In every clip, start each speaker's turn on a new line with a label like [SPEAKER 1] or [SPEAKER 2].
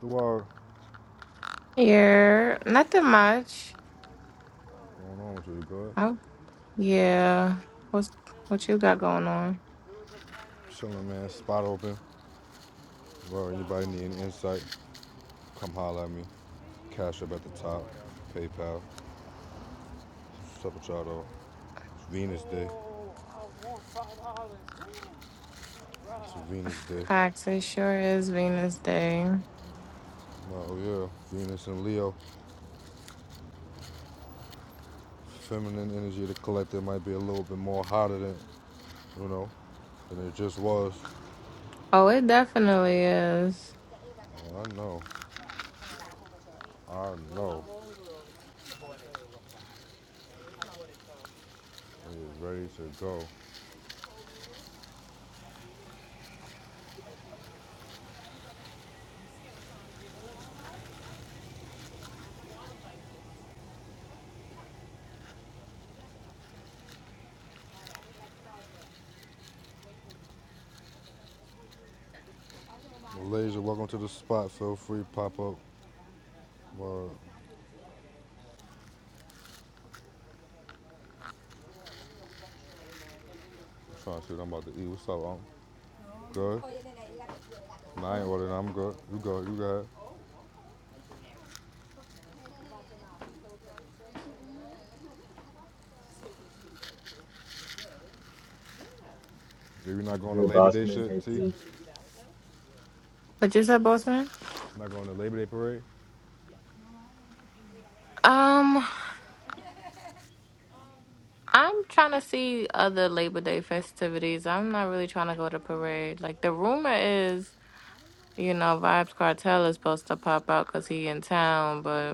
[SPEAKER 1] The word
[SPEAKER 2] Yeah, nothing much.
[SPEAKER 1] going on with you, good.
[SPEAKER 2] Oh, yeah. What's what you got going on?
[SPEAKER 1] Chilling, man. Spot open. Word. Anybody need any insight? Come holler at me. Cash up at the top. PayPal. Sup with y'all though. It's Venus Day. It's Venus Day.
[SPEAKER 2] Facts, it sure is Venus Day.
[SPEAKER 1] Oh yeah. Venus and Leo. Feminine energy. of The collective might be a little bit more hotter than you know than it just was.
[SPEAKER 2] Oh, it definitely is.
[SPEAKER 1] Oh, I know. I know. It is ready to go. Malaysia, welcome to the spot. Feel free, pop up. Word. Trying to shoot, I'm about to eat. What's up? I'm good. Nah, I ain't ordering. I'm good. You good. You good. You're not
[SPEAKER 3] Was
[SPEAKER 1] going to
[SPEAKER 3] good,
[SPEAKER 1] Labor Day
[SPEAKER 3] Bossman.
[SPEAKER 1] shit,
[SPEAKER 3] Hey,
[SPEAKER 1] T?
[SPEAKER 3] T.
[SPEAKER 2] What you said, Bossman?
[SPEAKER 1] Not going to Labor Day parade?
[SPEAKER 2] Um, I'm trying to see other Labor Day festivities. I'm not really trying to go to parade. Like the rumor is, you know, Vibes Cartel is supposed to pop out because he in town, but.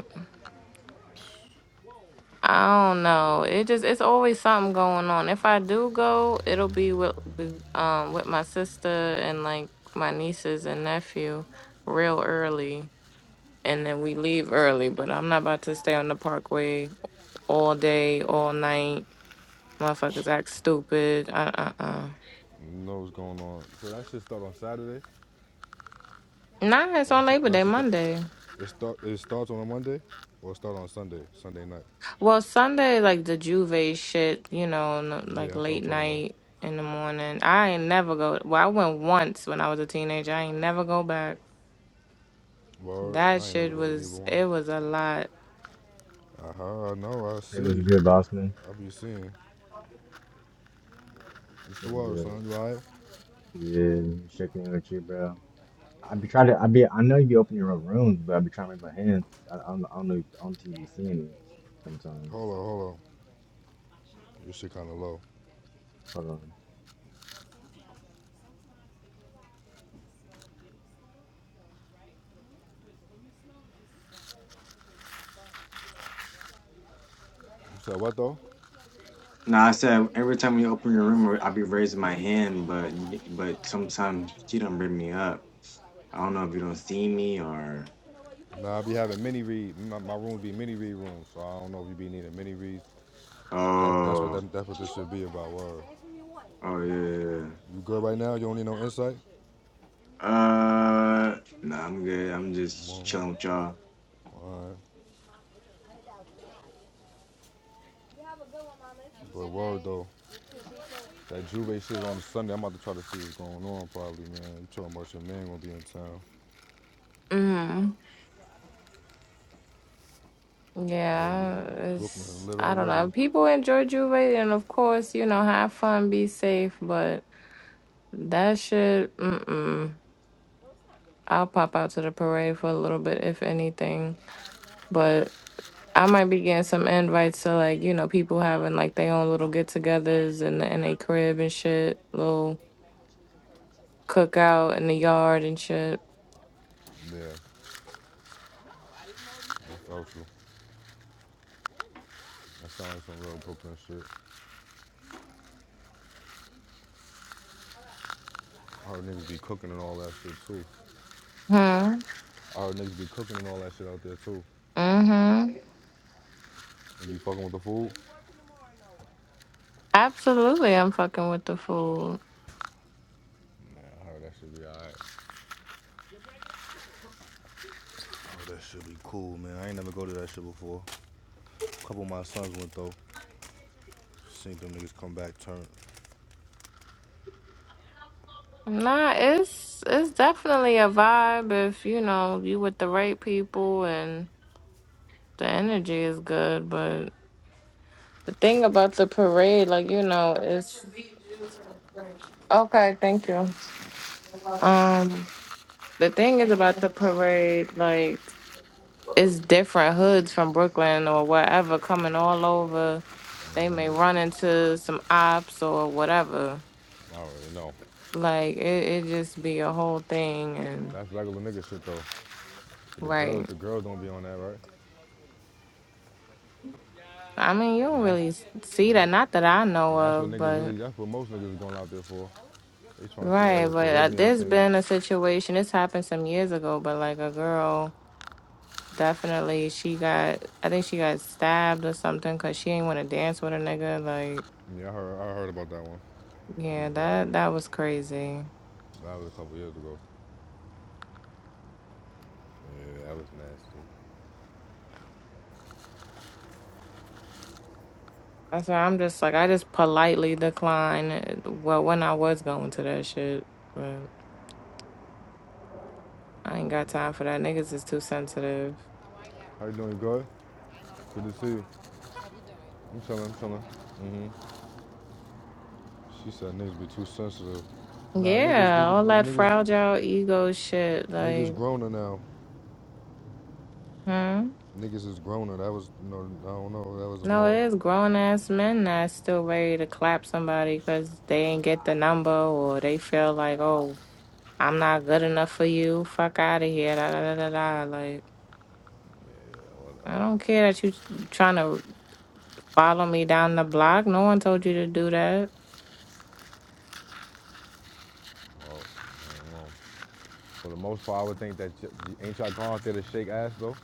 [SPEAKER 2] I don't know.
[SPEAKER 1] Shit.
[SPEAKER 2] It just it's always something going on. If I do go, it'll be with the- um with my sister and like my nieces and nephew real early. And then we leave early, but I'm not about to stay on the parkway all day, all night. Motherfuckers act stupid. Uh uh uh.
[SPEAKER 1] You know what's going on. So that shit start on Saturday?
[SPEAKER 2] Nah, it's
[SPEAKER 1] Or that
[SPEAKER 2] on
[SPEAKER 1] shit,
[SPEAKER 2] Labor
[SPEAKER 1] that
[SPEAKER 2] Day
[SPEAKER 1] shit start,
[SPEAKER 2] Monday.
[SPEAKER 1] it, start, it starts on a Monday or it start on Sunday, Sunday night?
[SPEAKER 2] Well, Sunday, like the Juve shit, you know, n- like
[SPEAKER 1] Yeah, that's what I'm
[SPEAKER 2] late
[SPEAKER 1] talking about.
[SPEAKER 2] night in the morning. I ain't never go. Well, I went once when I was a teenager. I ain't never go back.
[SPEAKER 1] Word,
[SPEAKER 2] That
[SPEAKER 1] I ain't never
[SPEAKER 2] shit
[SPEAKER 1] go to neither
[SPEAKER 2] was,
[SPEAKER 1] one.
[SPEAKER 2] it was a lot.
[SPEAKER 1] Uh-huh, I know, I
[SPEAKER 3] Hey, was
[SPEAKER 1] see.
[SPEAKER 3] good, Bossman.
[SPEAKER 1] I be seeing. It's
[SPEAKER 3] Was
[SPEAKER 1] 12,
[SPEAKER 3] good.
[SPEAKER 1] son. You all right?
[SPEAKER 3] Yeah, checking in with you, bro. I be trying to. I be. I know you be opening your own rooms, but I be trying to make my hands. I, I, don't, I don't know. If, I don't think you seeing me sometimes.
[SPEAKER 1] Hold on, hold on. Your shit kind of low.
[SPEAKER 3] Hold on.
[SPEAKER 1] You said what, though?
[SPEAKER 3] No, I said every time you open your room, I be raising my hand, but but sometimes she don't bring me up. I don't know if you don't see me or
[SPEAKER 1] Nah, I be having mini read. My, my room be mini read room, so I don't know if you be needing mini reads. That, that's what
[SPEAKER 3] oh
[SPEAKER 1] that, that's what this should be about. Word.
[SPEAKER 3] oh yeah. yeah,
[SPEAKER 1] You good right now? You don't need no insight.
[SPEAKER 3] yeah. Uh, no, I'm good. I'm just
[SPEAKER 1] Well,
[SPEAKER 3] chilling with y'all.
[SPEAKER 1] all right. You have a good one, Mama. But word though, that Juve shit on Sunday. I'm about to try to see what's going on. Probably, man. You talking about your man gonna be in town?
[SPEAKER 2] Mm.
[SPEAKER 1] Oh
[SPEAKER 2] Yeah,
[SPEAKER 1] yeah, Brooklyn
[SPEAKER 2] it's,
[SPEAKER 1] lit
[SPEAKER 2] I don't
[SPEAKER 1] already.
[SPEAKER 2] know. People enjoy Juve and of course, you know, have fun, be safe, but that shit, mm-mm. I'll pop out to the parade for a little bit, if anything. but. I might be getting some invites to like, you know, people having like their own little get togethers and in the in a crib and shit, little cookout in the yard and shit.
[SPEAKER 1] Yeah, that's out you. That sounds like some real Brooklyn shit. I heard niggas be cooking and all that shit too.
[SPEAKER 2] Hmm.
[SPEAKER 1] I heard niggas be cooking and all that shit out there too.
[SPEAKER 2] Mm-hmm.
[SPEAKER 1] You be fucking with the food?
[SPEAKER 2] Absolutely I'm fucking with the food.
[SPEAKER 1] Man, I heard that should be alright. Oh, that should be cool, man. I ain't never go to that shit before. A couple of my sons went though. Seen them niggas come back, turn.
[SPEAKER 2] Nah, it's it's definitely a vibe if, you know, you with the right people and the energy is good, but the thing about the parade, like, you know, it's okay, thank you. Um the thing is about the parade, like it's different hoods from Brooklyn or wherever coming all over. They may run into some ops or whatever.
[SPEAKER 1] I already know.
[SPEAKER 2] Like it, it just be a whole thing and
[SPEAKER 1] That's regular nigga shit though. the girls,
[SPEAKER 2] right.
[SPEAKER 1] the girls don't be on that, right?
[SPEAKER 2] I mean, you don't
[SPEAKER 1] And that's,
[SPEAKER 2] really s-
[SPEAKER 1] and
[SPEAKER 2] see that,
[SPEAKER 1] that,
[SPEAKER 2] not that I know
[SPEAKER 1] and that's what
[SPEAKER 2] of,
[SPEAKER 1] niggas
[SPEAKER 2] but
[SPEAKER 1] really. That's what most niggas is going out there for. They trying to see all
[SPEAKER 2] right.
[SPEAKER 1] those
[SPEAKER 2] But uh,
[SPEAKER 1] Caribbean
[SPEAKER 2] there's
[SPEAKER 1] things.
[SPEAKER 2] been a situation. This happened some years ago, but like a girl definitely she got i think she got stabbed or something because she ain't want to dance with a nigga like
[SPEAKER 1] Yeah, I heard, I heard about that one. I
[SPEAKER 2] yeah
[SPEAKER 1] remember that
[SPEAKER 2] that that
[SPEAKER 1] one.
[SPEAKER 2] was crazy
[SPEAKER 1] That was a couple years ago. Yeah, that was nasty.
[SPEAKER 2] That's why I'm just like I just politely decline. Well, when I was going to that shit, but I ain't got time
[SPEAKER 1] Yeah.
[SPEAKER 2] for that. Niggas is too sensitive.
[SPEAKER 1] How you doing, good? Good to see you. I'm chilling, I'm chilling. hmm She said niggas be too sensitive. Nah, niggas,
[SPEAKER 2] Yeah,
[SPEAKER 1] niggas,
[SPEAKER 2] all that
[SPEAKER 1] niggas,
[SPEAKER 2] fragile ego shit.
[SPEAKER 1] niggas
[SPEAKER 2] Like,
[SPEAKER 1] growner now.
[SPEAKER 2] huh?
[SPEAKER 1] Niggas is growner. That was, you know, I don't know. That was a
[SPEAKER 2] No,
[SPEAKER 1] more.
[SPEAKER 2] it is grown ass men that's still ready to clap somebody because they ain't get the number or they feel like, oh, I'm not good enough for you. Fuck out of here. Da, da, da, da, da. Like,
[SPEAKER 1] Yeah, well,
[SPEAKER 2] I don't
[SPEAKER 1] uh,
[SPEAKER 2] care that you trying to follow me down the block. No one told you to do that.
[SPEAKER 1] well, I don't know. For the most part, I would think that y- y- ain't y'all gone out there to shake ass though.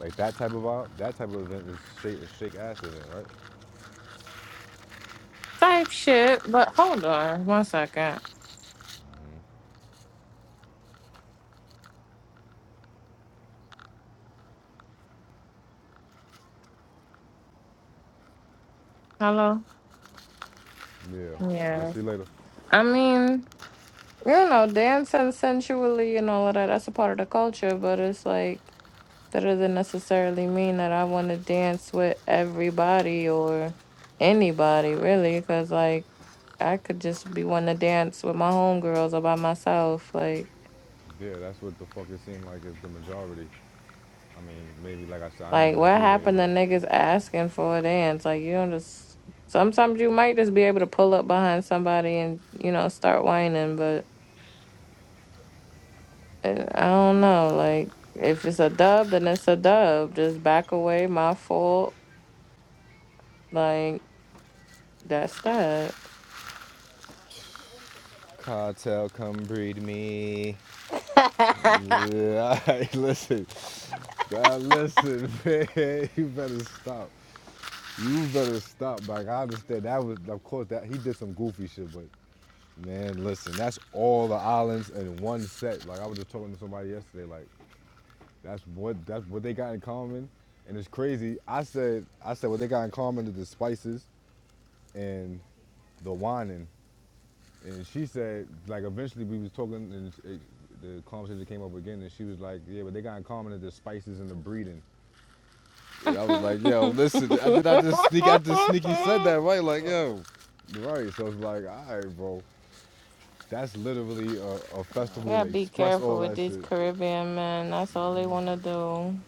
[SPEAKER 1] Like that type of vibe, that type of event is shake, is shake ass event, right?
[SPEAKER 2] type shit. But hold on one second. Hello?
[SPEAKER 1] Yeah. I
[SPEAKER 2] Yeah.
[SPEAKER 1] see you later.
[SPEAKER 2] I mean, you know, dancing sensually and all of that, that's a part of the culture, but it's like, that doesn't necessarily mean that I want to dance with everybody or anybody, really, because, like, I could just be wanting to dance with my homegirls or by myself. Like,
[SPEAKER 1] Yeah, that's what the fuck it seemed like is the majority. I mean, maybe like I said, I ain't
[SPEAKER 2] Like,
[SPEAKER 1] go to
[SPEAKER 2] what
[SPEAKER 1] Juve,
[SPEAKER 2] happened to
[SPEAKER 1] but
[SPEAKER 2] niggas asking for a dance? Like, you don't just. Sometimes you might just be able to pull up behind somebody and, you know, start whining, but uh, I don't know. Like, if it's a dub, then it's a dub. Just back away, my fault. Like, that's that.
[SPEAKER 1] cartel come breed me.
[SPEAKER 2] I
[SPEAKER 1] Yeah, hey, listen. Now listen, man, you better stop. You better stop. Like I understand that was of course that he did some goofy shit, but man, listen, that's all the islands in one set. Like I was just talking to somebody yesterday, like that's what that's what they got in common. And it's crazy. I said I said what they got in common is the spices and the whining. And she said, like eventually we was talking and it, the conversation came up again and she was like, Yeah, but they got in common is the spices and the breeding. I was like, yo, listen, I did I just sneak I just sneaky said that, right? Like, yo. Right. So it's like, alright, bro. That's literally a, a festival
[SPEAKER 2] gotta
[SPEAKER 1] to
[SPEAKER 2] be
[SPEAKER 1] express
[SPEAKER 2] careful
[SPEAKER 1] all
[SPEAKER 2] with
[SPEAKER 1] that
[SPEAKER 2] these
[SPEAKER 1] shit.
[SPEAKER 2] Caribbean men. That's all they wanna do.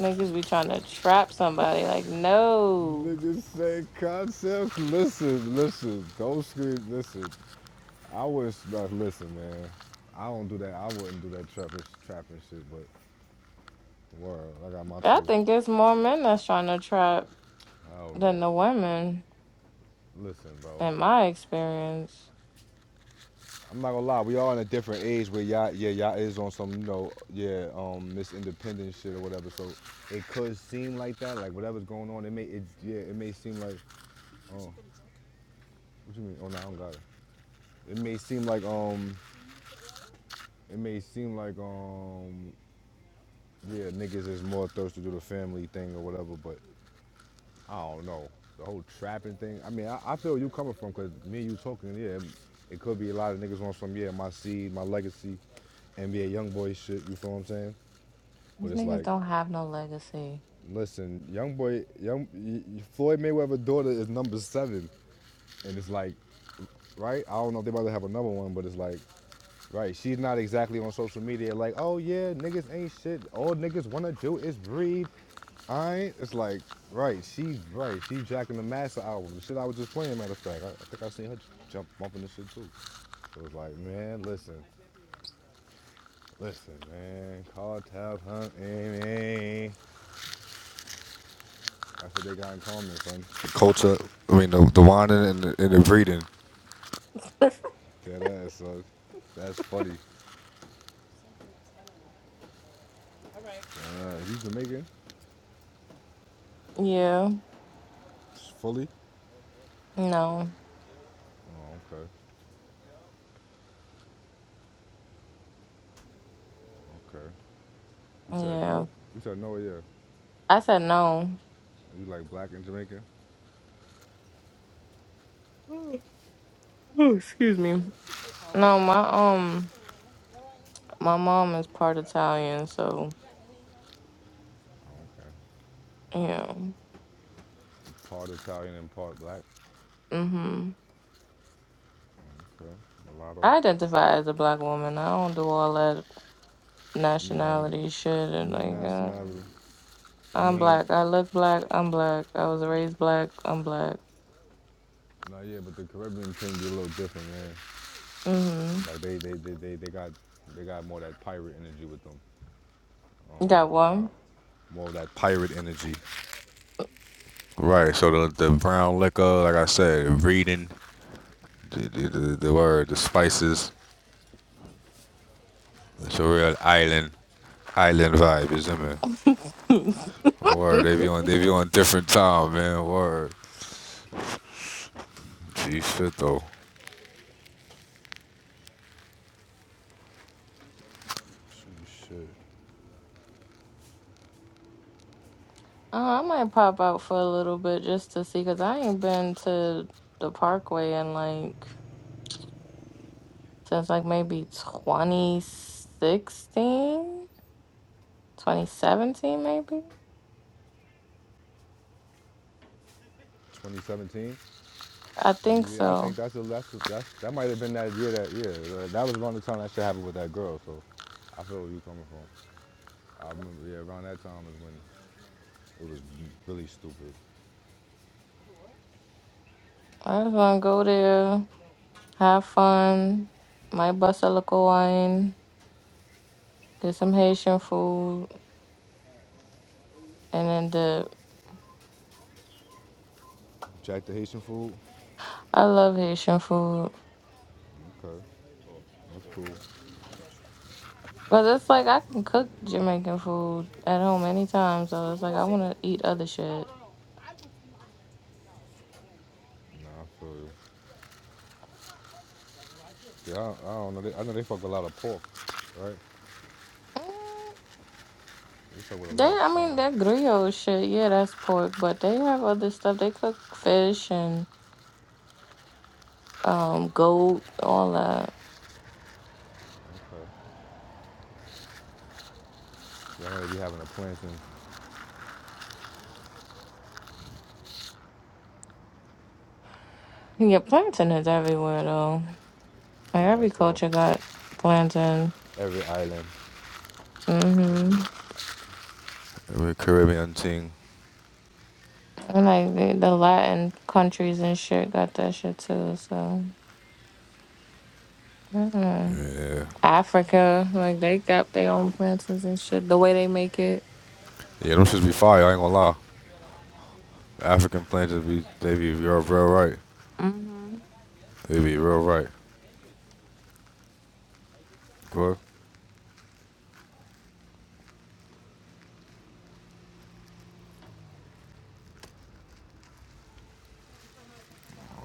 [SPEAKER 2] Niggas be trying to trap somebody. Like, no.
[SPEAKER 1] Niggas say concepts. Listen, listen. Don't scream. Listen. I was not listen, man. I don't do that. I wouldn't do that trapping, trapping shit. But word, I got my
[SPEAKER 2] I
[SPEAKER 1] tool.
[SPEAKER 2] think there's more men that's trying to trap
[SPEAKER 1] I don't
[SPEAKER 2] than
[SPEAKER 1] know.
[SPEAKER 2] the women,
[SPEAKER 1] Listen, bro.
[SPEAKER 2] in my experience.
[SPEAKER 1] I'm not gonna lie, we are in a different age where y'all, yeah, y'all is on some, you know, yeah, um, this independent shit or whatever. So it could seem like that, like whatever's going on, it may, it, yeah, it may seem like, oh, what you mean? Oh, no, I don't got it. It may seem like, um, it may seem like, um, yeah, niggas is more thirsty to do the family thing or whatever, but I don't know. The whole trapping thing, I mean, I, I feel you coming from, cause me and you talking, yeah, it, it could be a lot of niggas on some, yeah, my seed, my legacy, NBA young boy shit, you feel what I'm saying? But
[SPEAKER 2] These
[SPEAKER 1] it's
[SPEAKER 2] niggas
[SPEAKER 1] like,
[SPEAKER 2] don't have no legacy.
[SPEAKER 1] listen, young boy, young Floyd Mayweather's daughter is number seven, and it's like, right? I don't know if they about to have another one, but it's like, right? She's not exactly on social media like, oh yeah, niggas ain't shit. All niggas wanna do is breathe. I ain't. it's like, right? She's right. She's jacking the Master album, the shit I was just playing. Matter of fact, I, I think I seen her jump bumping the shit too. So it's like, man, listen, listen, man, cartel hunting, man. That's what they got in common, son. The culture, I mean, the, the whining and the, and the breeding. Dead ass, son. That's funny. Uh, you Jamaican?
[SPEAKER 2] Yeah.
[SPEAKER 1] Fully?
[SPEAKER 2] No.
[SPEAKER 1] Oh, okay. Okay. You said
[SPEAKER 2] Yeah.
[SPEAKER 1] no? You said no, yeah.
[SPEAKER 2] I said no.
[SPEAKER 1] You like black and Jamaican?
[SPEAKER 2] Oh, oh, excuse me. No, my um my mom is part Italian, so
[SPEAKER 1] Oh, okay.
[SPEAKER 2] yeah.
[SPEAKER 1] Part Italian and part black.
[SPEAKER 2] hmm
[SPEAKER 1] Okay. Mulatto.
[SPEAKER 2] I identify as a black woman. I don't do all that
[SPEAKER 1] Nah,
[SPEAKER 2] nationality shit and
[SPEAKER 1] yeah,
[SPEAKER 2] like uh,
[SPEAKER 1] nationality. I
[SPEAKER 2] I'm
[SPEAKER 1] mean,
[SPEAKER 2] black. I look black, I'm black. I was raised black, I'm black.
[SPEAKER 1] nah, yeah, but the Caribbean thing be a little different, man.
[SPEAKER 2] Mm-hmm.
[SPEAKER 1] Like they, they, they, they, they got, they got more of that pirate energy with them. I don't
[SPEAKER 2] Got
[SPEAKER 1] know.
[SPEAKER 2] one.
[SPEAKER 1] Uh, more of that pirate energy. Right. So the the brown liquor, like I said, reading the the, the, the word, the spices. It's a real island island vibe, is it man? Word. They be on they be on different time, man. Word. Gee shit though. Shoot, shit.
[SPEAKER 2] Uh, I might pop out for a little bit just to see, because I ain't been to the Parkway in like since like maybe 2016, 2017, maybe.
[SPEAKER 1] 2017.
[SPEAKER 2] I think
[SPEAKER 1] Yeah, I think
[SPEAKER 2] so.
[SPEAKER 1] that's the that's, that's that might have been that year that yeah uh, that was around the time that shit happened with that girl. So I feel where you coming from. I remember yeah around that time is when it was really stupid.
[SPEAKER 2] I just want to go there, have fun, might bust a local wine, get some Haitian food, and then the
[SPEAKER 1] Jack the Haitian food.
[SPEAKER 2] I love Haitian food.
[SPEAKER 1] Okay, that's cool.
[SPEAKER 2] But it's like I can cook Jamaican food at home anytime, so it's like I want to eat other shit.
[SPEAKER 1] Nah, I feel you. Yeah, I, I don't know. They, I know they fuck a lot of pork, right?
[SPEAKER 2] Mm,
[SPEAKER 1] They fuck with a
[SPEAKER 2] They,
[SPEAKER 1] lot of
[SPEAKER 2] I
[SPEAKER 1] swine.
[SPEAKER 2] mean, that griot shit, yeah, that's pork, but they have other stuff. They cook fish and um goat, all that.
[SPEAKER 1] Okay. Yeah, they be having a planting.
[SPEAKER 2] Yeah, plantain is everywhere though. Like
[SPEAKER 1] Yeah,
[SPEAKER 2] every
[SPEAKER 1] that's all.
[SPEAKER 2] culture got plantain.
[SPEAKER 1] Every island.
[SPEAKER 2] Mm-hmm.
[SPEAKER 1] Every Caribbean thing.
[SPEAKER 2] And like the, the Latin countries and shit got that shit too. So mm
[SPEAKER 1] Yeah.
[SPEAKER 2] Africa, like they got their own plantains and shit. The way they make it.
[SPEAKER 1] Yeah, them shits be fire. I ain't gonna lie. African planters be, they be real, real right.
[SPEAKER 2] hmm
[SPEAKER 1] They be real right. Good.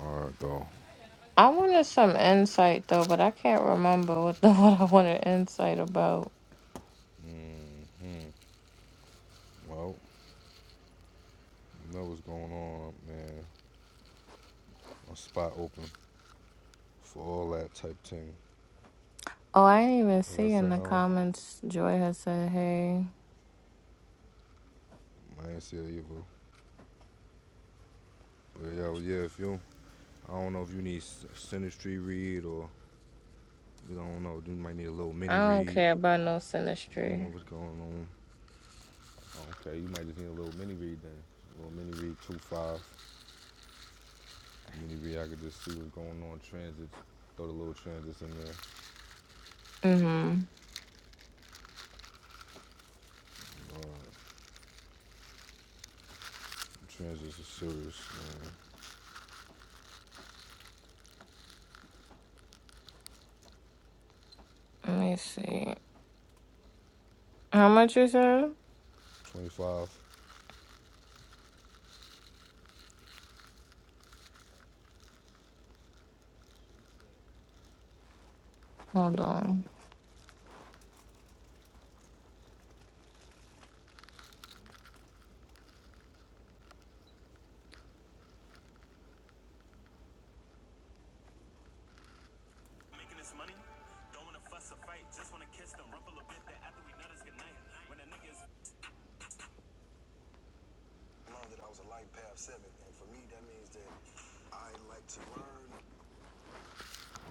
[SPEAKER 1] All right, though.
[SPEAKER 2] I wanted some insight though, but I can't remember what the what I wanted insight about.
[SPEAKER 1] hmm Well, you know what's going on, man. A spot open for all that type thing.
[SPEAKER 2] Oh, I didn't even
[SPEAKER 1] Like I
[SPEAKER 2] see in
[SPEAKER 1] said, I,
[SPEAKER 2] the
[SPEAKER 1] don't,
[SPEAKER 2] comments. Joy has said, "Hey,
[SPEAKER 1] I ain't see it either. But yo, yeah, if you I don't know if you need s- read or you I don't know. You might need a little
[SPEAKER 2] I
[SPEAKER 1] mini
[SPEAKER 2] don't
[SPEAKER 1] read.
[SPEAKER 2] care about no
[SPEAKER 1] I don't know
[SPEAKER 2] sinistry."
[SPEAKER 1] what's going on. Okay, you might just need a little mini read then. A little mini read two five. Mini read. I could just see what's going on. Transits. Throw the little transits in there.
[SPEAKER 2] Mm-hmm.
[SPEAKER 1] Uh, transits are serious. Man.
[SPEAKER 2] Let me see. How much is it?
[SPEAKER 1] Twenty five.
[SPEAKER 2] Hold on.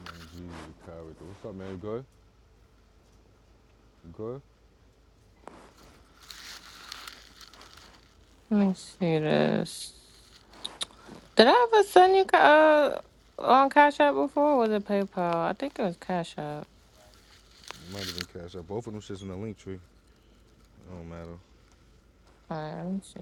[SPEAKER 1] Man, Jesus, a character. What's up, man? You good? You good?
[SPEAKER 2] Let me see this. Did I ever send you ca- uh on Cash App before? Or was it PayPal? I think it was Cash App.
[SPEAKER 1] You might even cash up. Both of them shits in the link tree. It don't matter.
[SPEAKER 2] All right, let me see.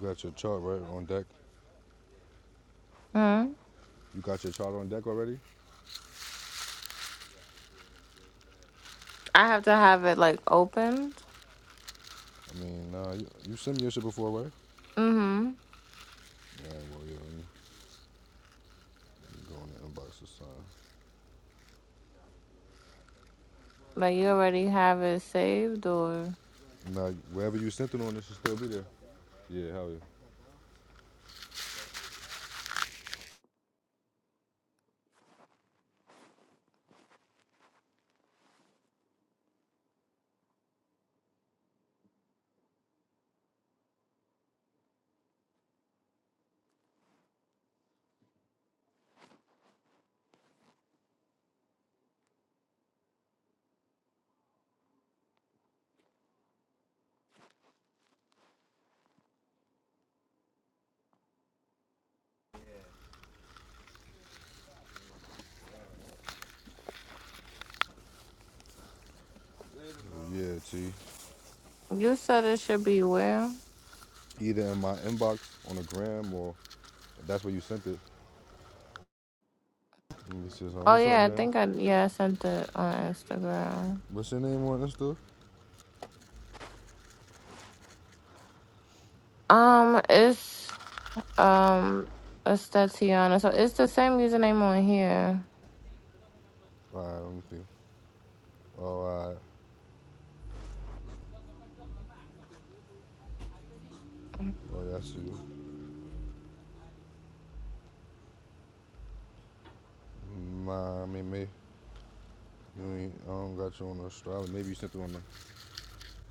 [SPEAKER 1] You got your chart right on deck.
[SPEAKER 2] Hmm.
[SPEAKER 1] You got your chart on deck already?
[SPEAKER 2] I have to have it like opened.
[SPEAKER 1] I mean, nah. you, you sent me your shit before, right?
[SPEAKER 2] Mm-hmm.
[SPEAKER 1] Yeah, well, yeah, let me go in the inbox or something.
[SPEAKER 2] Like you already have it saved, or
[SPEAKER 1] Now, wherever you sent it on, it should still be there. Yeah, hell yeah. Yeah, T.
[SPEAKER 2] you said it should be where?
[SPEAKER 1] Either in my inbox on the gram or that's where you sent it. Let me see something.
[SPEAKER 2] Oh
[SPEAKER 1] What's up,
[SPEAKER 2] yeah, I
[SPEAKER 1] man?
[SPEAKER 2] think I yeah I sent it on Instagram.
[SPEAKER 1] What's your name on Insta?
[SPEAKER 2] Um, it's um it's Tatiana. So it's the same username on here.
[SPEAKER 1] All right, let me see. Oh, all right. Oh, yeah, I see you. My, I mean, me. You ain't, I don't got you on the astrology. Maybe you sent it on the.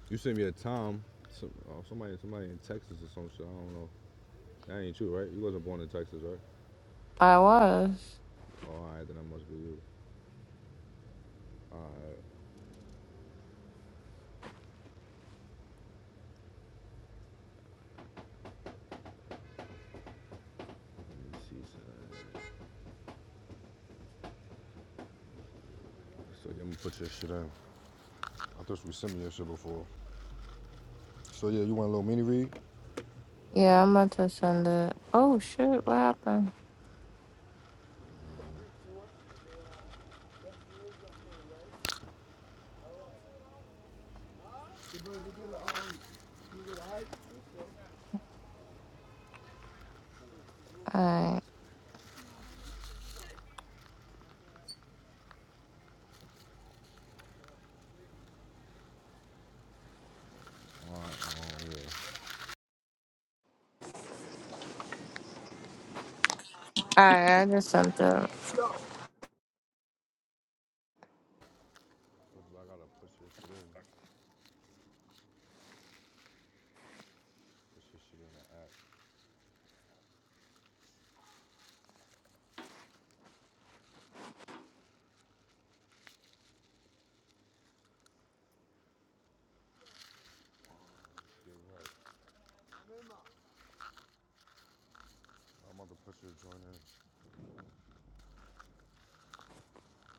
[SPEAKER 1] You sent me a time. Some, oh, somebody, somebody in Texas or some shit. I don't know. That ain't you, right? You wasn't born in Texas, right?
[SPEAKER 2] I was.
[SPEAKER 1] Oh, all right, then that must be you. Alright, let me see. So, so yeah, I'm gonna put your shit in. I thought we sent me your shit before. So yeah, you want a little mini read?
[SPEAKER 2] Yeah, I'm about to send it. Oh shit, what happened? Alright.
[SPEAKER 1] Alright, oh yeah.
[SPEAKER 2] Alright, I just sent it.
[SPEAKER 1] I gotta put your shit in. Put your shit in the app. I'm about to put your joint in.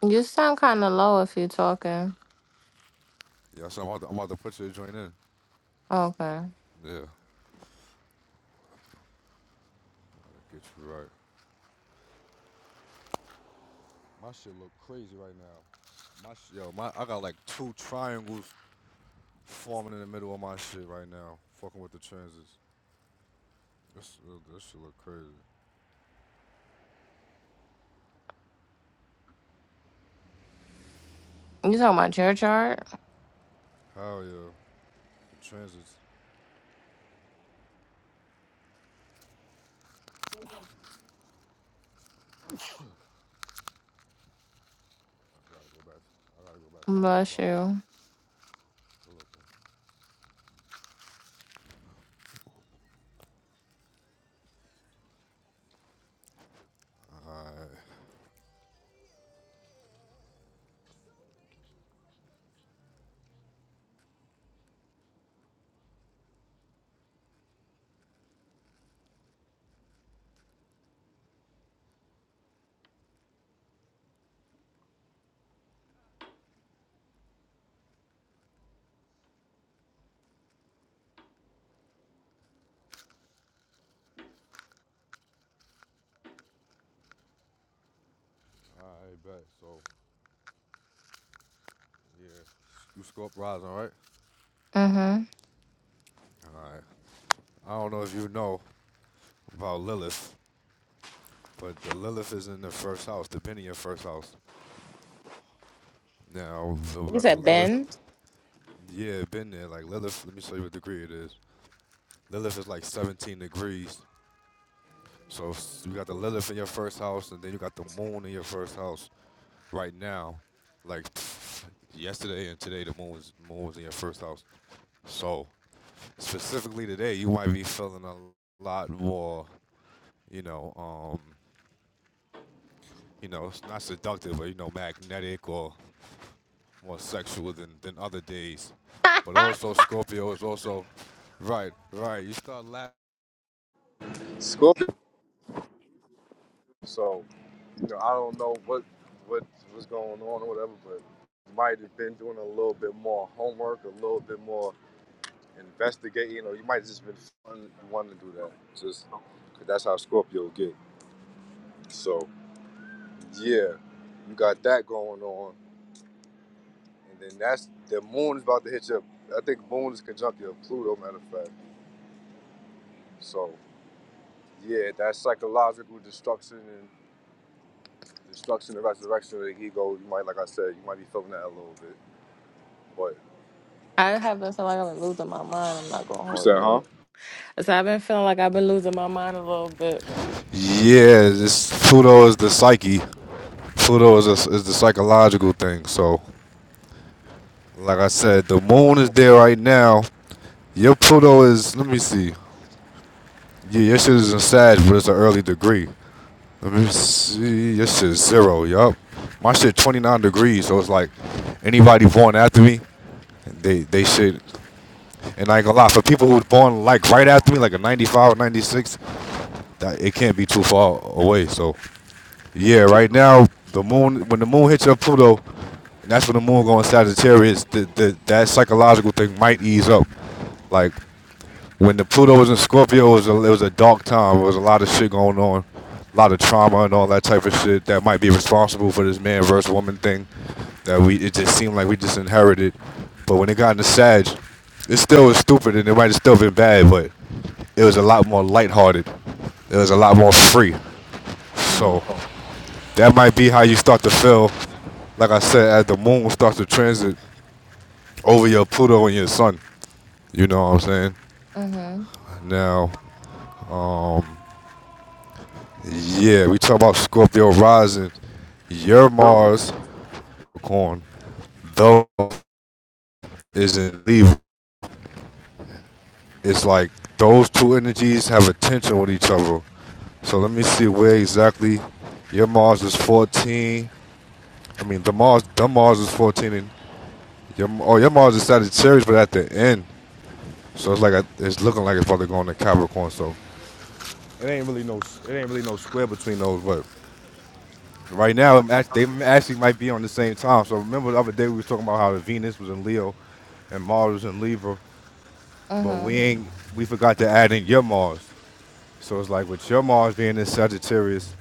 [SPEAKER 2] You sound kinda low if you're talking.
[SPEAKER 1] Yeah, so I'm about to, I'm about to put your joint in.
[SPEAKER 2] Okay.
[SPEAKER 1] Yeah, I Gotta get you right. My shit look crazy right now. My sh- yo, my I got like two triangles forming in the middle of my shit right now. Fucking with the transits. This uh, this shit look crazy.
[SPEAKER 2] You talking about your chart?
[SPEAKER 1] Hell yeah, the transits. I gotta go back. I gotta go back to our
[SPEAKER 2] Bless
[SPEAKER 1] inbox
[SPEAKER 2] you.
[SPEAKER 1] to look. at. Alright. Alright, bet. So, yeah. You scope rising, right?
[SPEAKER 2] Mm-hmm.
[SPEAKER 1] Alright. I don't know if you know about Lilith, but the Lilith is in the first house, the Benny in your first house. Now, so we
[SPEAKER 2] You
[SPEAKER 1] got the
[SPEAKER 2] said
[SPEAKER 1] Lilith.
[SPEAKER 2] Ben?
[SPEAKER 1] Yeah, been there. Like Lilith, let me show you what degree it is. Lilith is like 17 degrees. So s- you got the Lilith in your first house, and then you got the moon in your first house right now. Like yesterday and today, the moon was, moon was in your first house. So specifically today, you might be feeling a lot more, you know, um, you know, it's not seductive, but you know, magnetic or more sexual than than other days. But also Scorpio is also right, right. You start laughing. Scorpio. So you know, I don't know what what was going on or whatever, but might have been doing a little bit more homework, a little bit more investigating, or you might have just been wanting to do that. Just 'cause that's how Scorpio get. So yeah, you got that going on, and then that's the moon's about to hit your. I think moon is conjunctive of Pluto, matter of fact. So yeah, that psychological destruction and destruction and resurrection of the ego. You might, like I said, you might be feeling that a little bit. But
[SPEAKER 2] I have been feeling like I've been losing my mind. I'm not gonna
[SPEAKER 1] you
[SPEAKER 2] hold
[SPEAKER 1] said, huh?
[SPEAKER 2] you. So I've been feeling like I've been losing my mind a little bit.
[SPEAKER 1] Yeah, this Pluto is the psyche. Pluto is a, is the psychological thing. So like I said, the moon is there right now. Your Pluto is. Let me see. Yeah, your shit is in Sag, but it's an early degree. Let me see. Your shit zero. Yup. My shit 29 degrees. So it's like anybody born after me, they they shit, And I ain't gonna lie, for people who born like right after me, like a 95 or 96, that it can't be too far away. So yeah, right now the moon when the moon hits your Pluto, and that's when the moon going Sagittarius. The, the, that psychological thing might ease up. Like when the Pluto was in Scorpio, it was a, it was a dark time. There was a lot of shit going on, a lot of trauma and all that type of shit that might be responsible for this man versus woman thing. That we it just seemed like we just inherited. But when it got into Sag, it still was stupid and it might have still been bad, but it was a lot more lighthearted. It was a lot more free. So
[SPEAKER 2] Mm.
[SPEAKER 1] that might be how you start to feel. Like I said, as the moon starts to transit over your Pluto and your sun. You know what I'm saying?
[SPEAKER 2] Mhm.
[SPEAKER 1] Now, Yeah, we talk about Scorpio rising. Your Mars, Capricorn, though isn't leaving. It's like those two energies have a tension with each other. So let me see where exactly your Mars is 14. I mean, the Mars, the Mars is 14, and your oh your Mars is Sagittarius, but at the end, so it's like a, it's looking like it's about to go into Capricorn. So it ain't really no it ain't really no square between those, but Right now, I'm act- they actually might be on the same time. So remember the other day we was talking about how the Venus was in Leo, and Mars was in Libra, but we
[SPEAKER 2] Mhm.
[SPEAKER 1] ain't we forgot to add in your Mars. So it's like with your Mars being in Sagittarius,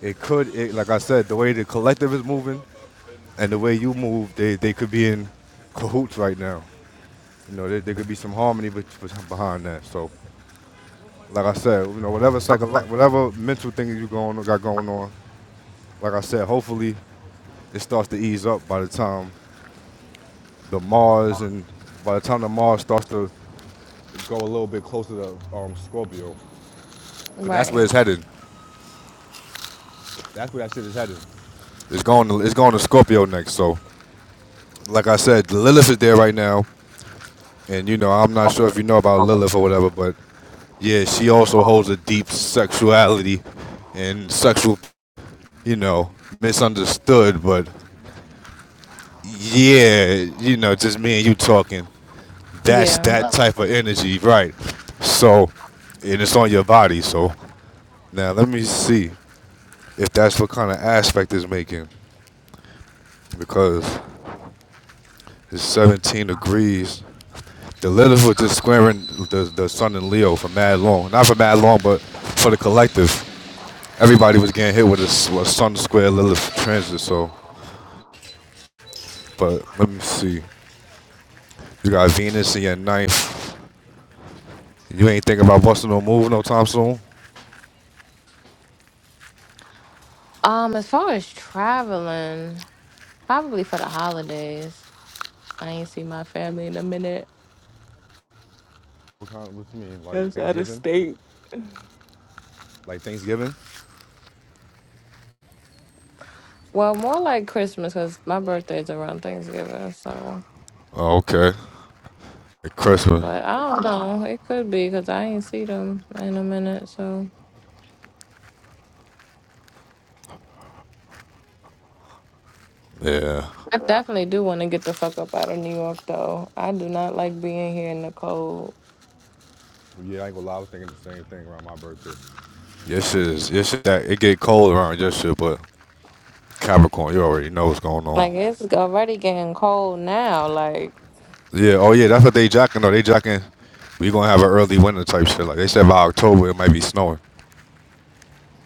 [SPEAKER 1] it could it, like I said, the way the collective is moving and the way you move, they they could be in cahoots right now. You know, there, there could be some harmony bet- bet- behind that. So like I said, you know, whatever psycho whatever mental thing you going got going on, like I said, hopefully it starts to ease up by the time the Mars, and by the time the Mars starts to go a little bit closer to um, Scorpio, because that's
[SPEAKER 2] Right.
[SPEAKER 1] where it's headed. That's where that shit is headed. It's going. To, it's going to Scorpio next. So, like I said, Lilith is there right now, and you know I'm not sure if you know about Lilith or whatever, but yeah, she also holds a deep sexuality and sexual, you know, misunderstood. But yeah, you know, just me and you talking. That's that
[SPEAKER 2] Yeah.
[SPEAKER 1] type of energy, right? So, and it's on your body, so. Now let me see if that's what kind of aspect it's making, because it's 17 degrees. The Lilith was just squaring the the Sun in Leo for mad long, not for mad long, but for the collective. Everybody was getting hit with a, s- a Sun square Lilith transit. So, but let me see. You got Venus in your ninth. You ain't thinking about busting no move no time soon.
[SPEAKER 2] Um. As far as traveling, probably for the holidays. I ain't see my family in a minute.
[SPEAKER 1] What kind? What you mean? Like
[SPEAKER 2] That's out of
[SPEAKER 1] Thanksgiving?
[SPEAKER 2] state.
[SPEAKER 1] Like Thanksgiving?
[SPEAKER 2] Well, more like Christmas, cause my birthday's around Thanksgiving. So,
[SPEAKER 1] Oh, okay. Like Christmas.
[SPEAKER 2] but I don't know. It could be, cause I ain't see them in a minute. So.
[SPEAKER 1] Yeah.
[SPEAKER 2] I definitely do want to get the fuck up out of New York, though. I do not like being here in the cold.
[SPEAKER 1] Yeah, I ain't gonna lie. I was thinking the same thing around my birthday. This is this is that it get cold around your shit, but Capricorn, you already know what's going on.
[SPEAKER 2] Like, it's already getting cold now. Like,
[SPEAKER 1] Yeah, oh yeah, that's what they jocking though. They jocking we gonna have an early winter type shit. Like they said by October it might be snowing.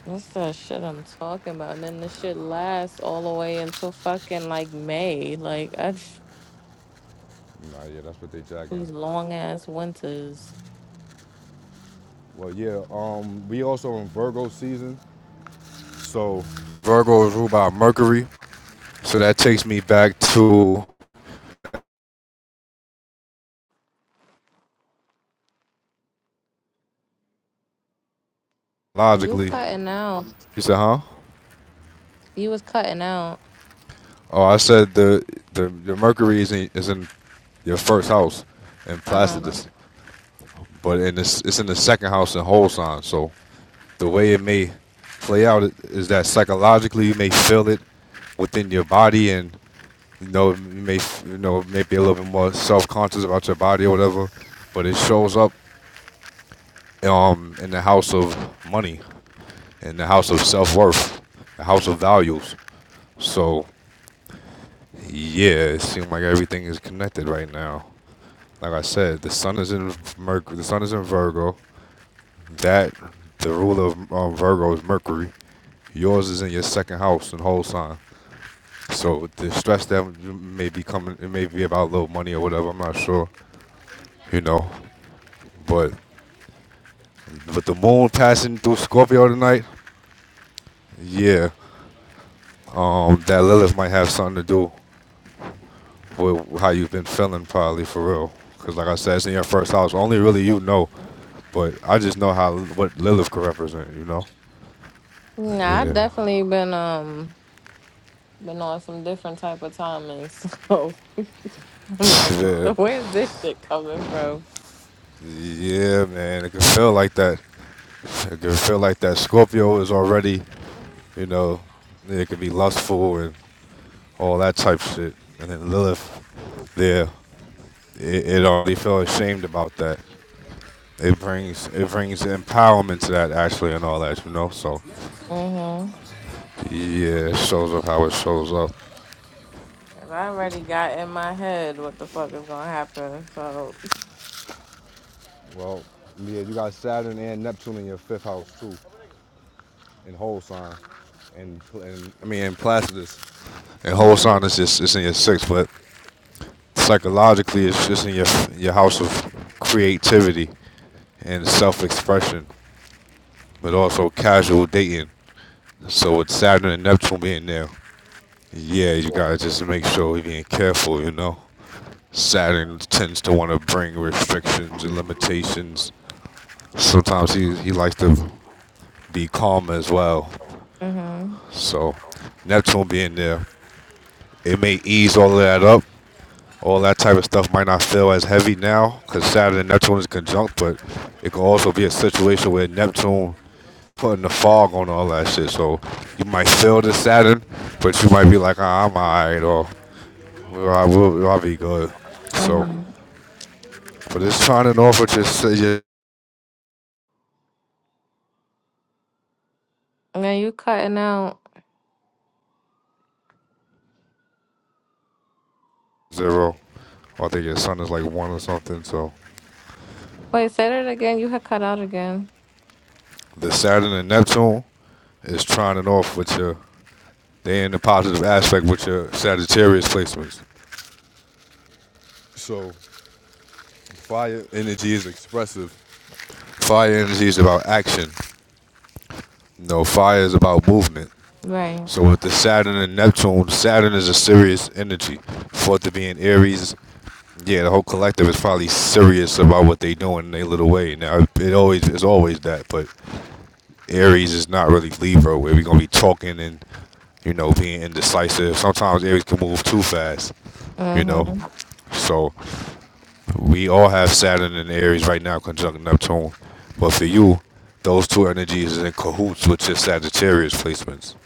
[SPEAKER 2] this the shit I'm talking about. And then the shit lasts all the way until fucking, like, May. Like, I just,
[SPEAKER 1] Nah, yeah, that's what they jocking.
[SPEAKER 2] these long ass winters.
[SPEAKER 1] Well yeah, um we also in Virgo season. So Virgo is ruled by Mercury. So that takes me back to
[SPEAKER 2] You
[SPEAKER 1] logically.
[SPEAKER 2] cutting out.
[SPEAKER 1] You said, huh?
[SPEAKER 2] You was cutting out.
[SPEAKER 1] Oh, I said the the your Mercury is in is in your first house in
[SPEAKER 2] Uh huh.
[SPEAKER 1] Placidus. but in this, it's in the second house in whole sign. So the way it may play out is that psychologically you may feel it within your body, and you know you may you know maybe a little bit more self conscious about your body or whatever. But it shows up um, in the house of money, in the house of self worth, the house of values. So yeah, it seems like everything is connected right now. Like I said, the sun is in Mercury. The sun is in Virgo. That the ruler of um, Virgo is Mercury. Yours is in your second house and whole sign. So the stress that may be coming, it may be about little money or whatever. I'm not sure, you know. But with the moon passing through Scorpio tonight, yeah, um, that Lilith might have something to do with how you've been feeling, probably for real. Because like I said, it's in your first house. Only really you know. But I just know how what Lilith could represent, you know.
[SPEAKER 2] Nah, I
[SPEAKER 1] Yeah,
[SPEAKER 2] definitely been, um, been on some different type of timing. So I'm like,
[SPEAKER 1] yeah,
[SPEAKER 2] where's this shit coming from?
[SPEAKER 1] yeah, man. It can feel like that. It can feel like that. Scorpio is already You know, it could be lustful and all that type shit. And then Lilith, there, it, it already felt ashamed about that. It brings it brings empowerment to that actually and all that, you know. So
[SPEAKER 2] Mm-hmm.
[SPEAKER 1] yeah, it shows up how it shows up.
[SPEAKER 2] And I already got in my head what the fuck is gonna happen. So
[SPEAKER 1] Well, yeah, you got Saturn and Neptune in your fifth house too, in whole sign, and, and I mean in Placidus. And whole
[SPEAKER 2] mm-hmm.
[SPEAKER 1] sign is just it's in your sixth, but psychologically it's just in your your house of creativity and self expression. but also casual dating. So with Saturn and Neptune being there, yeah, you gotta just make sure you're being careful, you know. Saturn tends to want to bring restrictions and limitations. Sometimes he, he likes to be calm as well.
[SPEAKER 2] Mm-hmm.
[SPEAKER 1] So Neptune being there, it may ease all of that up. All that type of stuff might not feel as heavy now because Saturn and Neptune is conjunct, but it can also be a situation where Neptune putting the fog on all that shit. So you might feel the Saturn, but you might be like, ah, I'm alright, or "Well, I will, I'll be good. So,
[SPEAKER 2] Mm-hmm.
[SPEAKER 1] but it's turning off with your, your
[SPEAKER 2] Now you cutting out.
[SPEAKER 1] zero. I think your sun is like one or something. So
[SPEAKER 2] Wait, say that again. You had cut out again.
[SPEAKER 1] the Saturn and Neptune is turning off with your. They in the positive aspect with your Sagittarius placements. So fire energy is expressive. Fire energy is about action. No, fire is about movement.
[SPEAKER 2] Right.
[SPEAKER 1] So with the Saturn and Neptune, Saturn is a serious energy. For it to be in Aries, yeah, the whole collective is probably serious about what they doing in their little way. Now it always is always that, but Aries is not really Libra where we are gonna be talking and you know being indecisive. Sometimes Aries can move too fast, you know.
[SPEAKER 2] Mm-hmm.
[SPEAKER 1] So we all have Saturn and Aries right now conjunct Neptune, but for you, those two energies is in cahoots with your Sagittarius placements.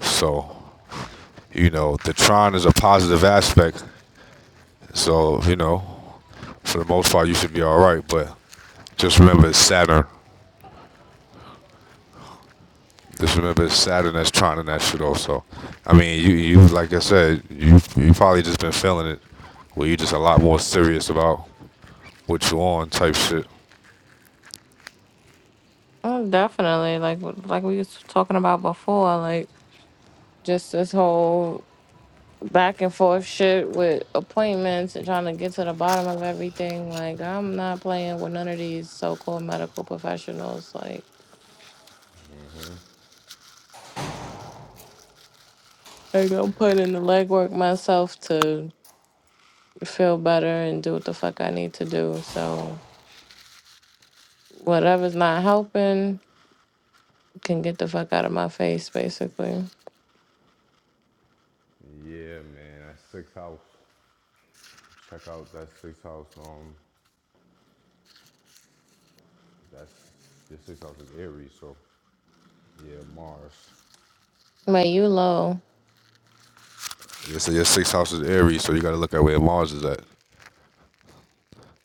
[SPEAKER 1] So you know, the Tron is a positive aspect. So, you know, for the most part, you should be all right. But just remember it's Saturn. Just remember it's Saturn that's Tron and that shit also. I mean, you, you like I said, you you probably just been feeling it. Where you just a lot more serious about what you on type shit.
[SPEAKER 2] Oh, definitely. Like like we was talking about before, like just this whole back and forth shit with appointments and trying to get to the bottom of everything. Like I'm not playing with none of these so called medical professionals. Like I go put in the legwork myself to feel better and do what the fuck I need to do. So whatever's not helping can get the fuck out of my face, basically.
[SPEAKER 1] Yeah, man, that sixth house. Check out that sixth house. Um, that's your sixth house is Aries, so yeah, Mars.
[SPEAKER 2] But you low.
[SPEAKER 1] You said your sixth house is Aries, so you got to look at where Mars is at.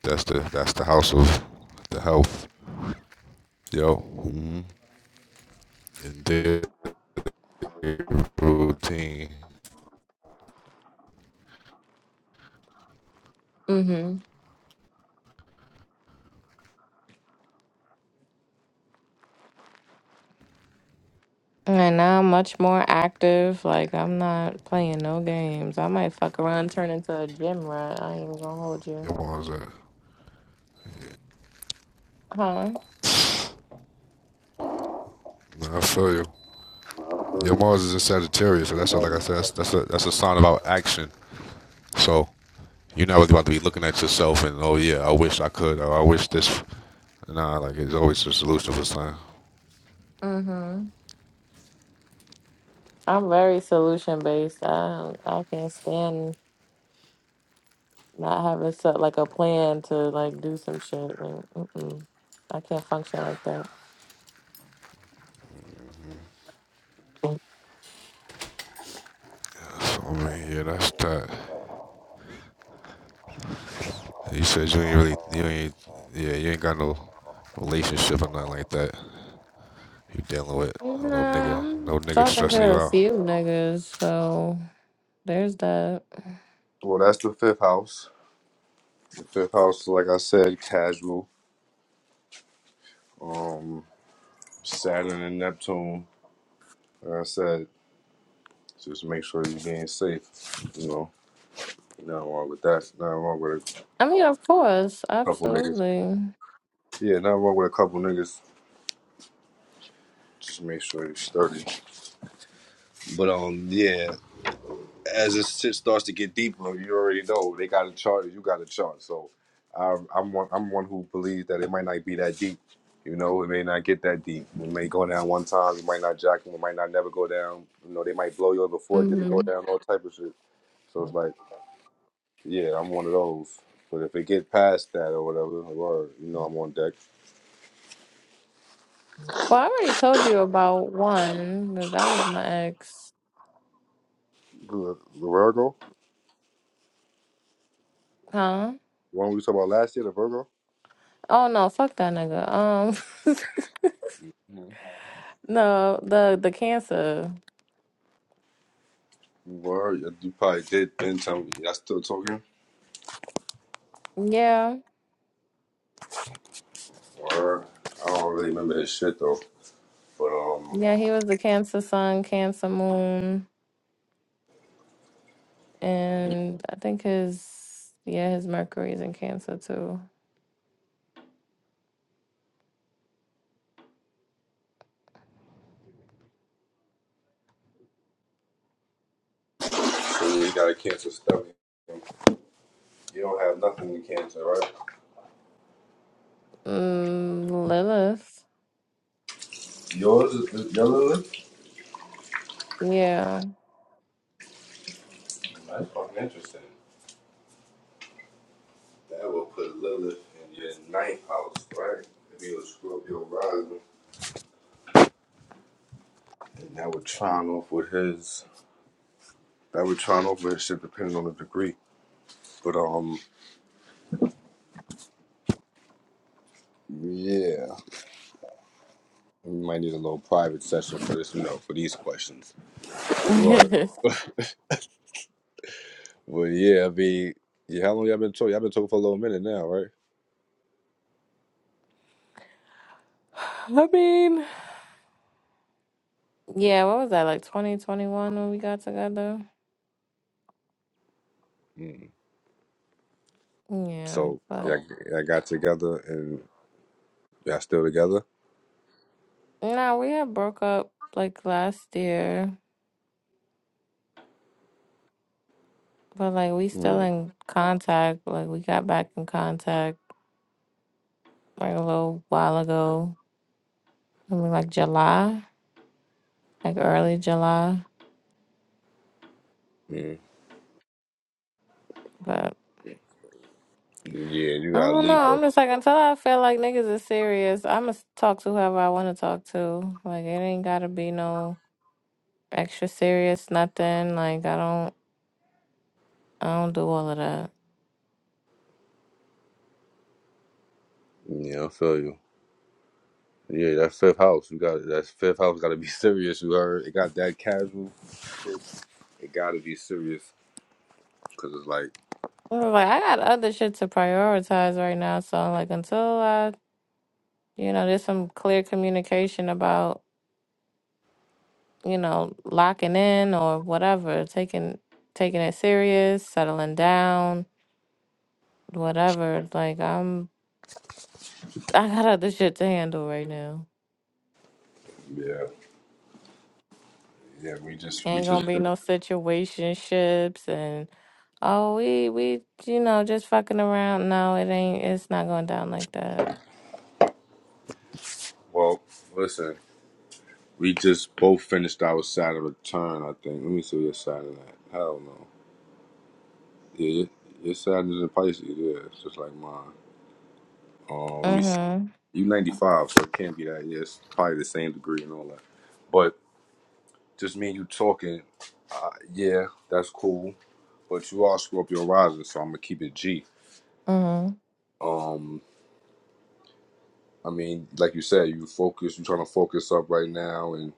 [SPEAKER 1] That's the that's the house of the health. Yo. Mm-hmm. And their routine.
[SPEAKER 2] Mm-hmm. And now I'm much more active. Like I'm not playing no games. I might fuck around, turn into a gym rat. I ain't even gonna hold you.
[SPEAKER 1] Your Mars are,
[SPEAKER 2] Huh?
[SPEAKER 1] I feel you. Your Mars is in Sagittarius, so that's what, like I said, that's that's a, that's a sign about action. So you're not really about to be looking at yourself and oh yeah, I wish I could or I wish this. Nah, like it's always a solution for something.
[SPEAKER 2] Mm-hmm. I'm very solution based. I I can't stand Not having set like a plan to like do some shit. Like, mm-mm. I can't function like that.
[SPEAKER 1] So, I mean, yeah, that's that. You said you ain't really, you ain't, yeah, you ain't got no relationship or nothing like that. You dealing with oh, no
[SPEAKER 2] Nah,
[SPEAKER 1] nigga,
[SPEAKER 2] I'm
[SPEAKER 1] no nigga
[SPEAKER 2] talking
[SPEAKER 1] stressing
[SPEAKER 2] to
[SPEAKER 1] you
[SPEAKER 2] a
[SPEAKER 1] out.
[SPEAKER 2] few niggas, so there's that.
[SPEAKER 1] Well, that's the fifth house. The fifth house, like I said, casual. Um, Saturn and Neptune. Like I said, just make sure you're being safe. You know, nothing wrong with that. Nothing wrong with
[SPEAKER 2] I mean, of course,
[SPEAKER 1] a couple niggas.
[SPEAKER 2] absolutely.
[SPEAKER 1] Yeah, nothing wrong with a couple niggas. Just make sure you're sturdy. But um, yeah. as this shit starts to get deeper, you already know they got a chart. You got a chart. So um, I'm one. I'm one who believes that it might not be that deep. You know, it may not get that deep. It may go down one time. It might not jack. It might not never go down. You know, they might blow you up before it get to go
[SPEAKER 2] hmm
[SPEAKER 1] down. All type of shit. So it's like, yeah, I'm one of those. But if it get past that or whatever, or you know, I'm on deck.
[SPEAKER 2] Well, I already told you about one. That that was my ex,
[SPEAKER 1] The Virgo,
[SPEAKER 2] huh?
[SPEAKER 1] the one we talked about last year, the Virgo.
[SPEAKER 2] Oh no, fuck that nigga. Um, no, the the cancer.
[SPEAKER 1] Word, you probably did then tell me. I still talking.
[SPEAKER 2] Yeah,
[SPEAKER 1] Word. I don't really remember this shit though. But um,
[SPEAKER 2] yeah, he was the cancer sun, cancer moon. And I think his yeah, his Mercury's in Cancer too.
[SPEAKER 1] when you got a cancer stomach, you don't have nothing in cancer, right?
[SPEAKER 2] Mm, Lilith.
[SPEAKER 1] Yours is your Lilith.
[SPEAKER 2] Yeah.
[SPEAKER 1] That's fucking interesting. That will put Lilith in your ninth house, right? If you a your rising, and that would chime off with his. That would chime off with his shit, depending on the degree. But um, yeah, we might need a little private session for this, you know, for these questions. Word.
[SPEAKER 2] I
[SPEAKER 1] Well, yeah, I mean, yeah, how long y'all been told? Y'all been told for a little minute now, right?
[SPEAKER 2] mean, yeah, what was that, like 2021 when we got together? Yeah,
[SPEAKER 1] So y'all,
[SPEAKER 2] but
[SPEAKER 1] y'all got together and y'all still together?
[SPEAKER 2] no, we had broke up like last year, but like we still
[SPEAKER 1] Mm,
[SPEAKER 2] in contact. Like we got back in contact like a little while ago. I mean, like July, like early July,
[SPEAKER 1] mm.
[SPEAKER 2] but
[SPEAKER 1] Yeah, you
[SPEAKER 2] I
[SPEAKER 1] got
[SPEAKER 2] don't know. I'm
[SPEAKER 1] Libra.
[SPEAKER 2] just like until I feel like niggas is serious, I'ma talk to whoever I wanna talk to. Like it ain't gotta be no extra serious, nothing. Like I don't I don't do all of that.
[SPEAKER 1] Yeah, I feel you. Yeah, that fifth house, you got that fifth house. Got to be serious. You heard? It got that casual. It it got to be serious because it's like,
[SPEAKER 2] I'm Like I got other shit to prioritize right now, so like until I you know, there's some clear communication about, you know, locking in or whatever, taking taking it serious, settling down, whatever. Like I'm I got other shit to handle right now.
[SPEAKER 1] yeah, yeah. We just, we
[SPEAKER 2] Ain't gonna
[SPEAKER 1] just.
[SPEAKER 2] be no situationships and oh we we you know just fucking around. No, it ain't. It's not going down like that.
[SPEAKER 1] Well, listen, we just both finished our Saturn return. I think. Let me see your Saturn at. not know. Yeah, your your Saturn is in Pisces. Yeah, it's just like mine. Um, let me
[SPEAKER 2] Mhm.
[SPEAKER 1] You 95, so it can't be that. Yeah, it's probably the same degree and all that. But just me and you talking, uh, yeah, that's cool. But you all screw up your rising, so I'm gonna keep it G.
[SPEAKER 2] Mhm.
[SPEAKER 1] Um, I mean, like you said, you focus. You trying to focus up right now, and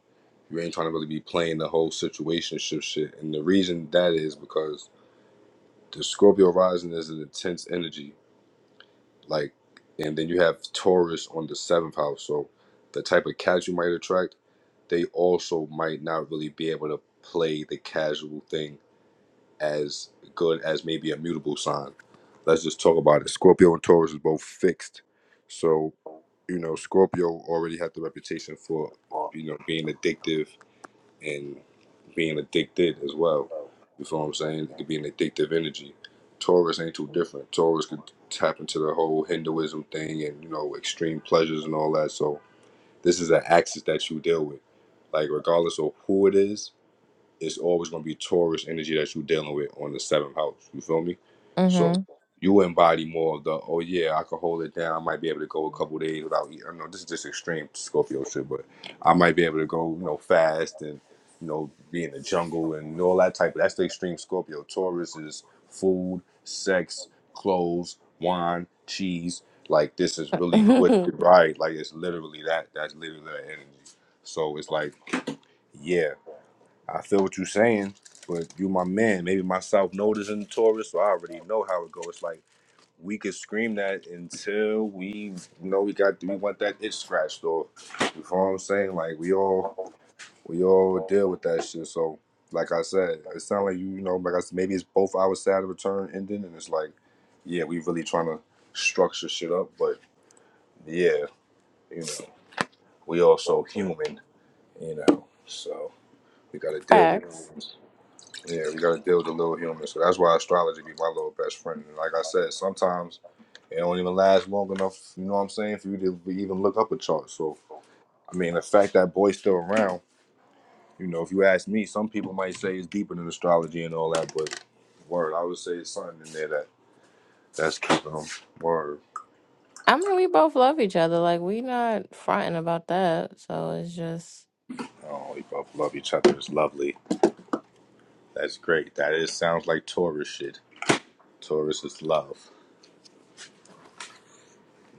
[SPEAKER 1] you ain't trying to really be playing the whole situationship shit. And the reason that is because the Scorpio rising is an intense energy. like and then you have Taurus on the seventh house. So the type of cats you might attract, they also might not really be able to play the casual thing as good as maybe a mutable sign. Let's just talk about it. Scorpio and Taurus is both fixed. So, you know, Scorpio already had the reputation for, you know, being addictive and being addicted as well. You feel what I'm saying? It could be an addictive energy. Taurus ain't too different. Taurus could tap into the whole Hinduism thing and you know extreme pleasures and all that. So this is an axis that you deal with, like regardless of who it is it's always going to be Taurus energy that you're dealing with on the seventh house. You feel me? So
[SPEAKER 2] Mhm.
[SPEAKER 1] you embody more of the oh yeah, I could hold it down. I might be able to go a couple days without eating. I know this is just extreme Scorpio shit, but I might be able to go you know fast and you know be in the jungle and all that type. of That's the extreme Scorpio. Taurus is food, sex, clothes, wine, cheese. Like this is really what the right. Like it's literally that. That's literally that energy. So it's like yeah. I feel what you're saying, but you my man. Maybe my South Node is in Taurus, so I already know how it goes. It's Like we could scream that until we you know we got we want that itch scratched off. You know what I'm saying? Like we all we all deal with that shit. So like I said, it sounds like you, you know, like I said, maybe it's both our side of return ending and it's like, yeah, we really trying to structure shit up, but yeah, you know, we also human, you know. So we gotta deal with
[SPEAKER 2] Facts.
[SPEAKER 1] humans. Yeah, we gotta deal with the little human. So that's why astrology be my little best friend. And like I said, sometimes it don't even last long enough, you know what I'm saying, for you to even look up a chart. So I mean the fact that boy's still around, you know, if you ask me, some people might say it's deeper than astrology and all that, but word, I would say it's something in there that that's keeping them word.
[SPEAKER 2] I mean, we both love each other. Like we not fronting about that. So it's just
[SPEAKER 1] Oh, we both love each other. It's lovely. That's great. That is sounds like Taurus shit. Taurus is love.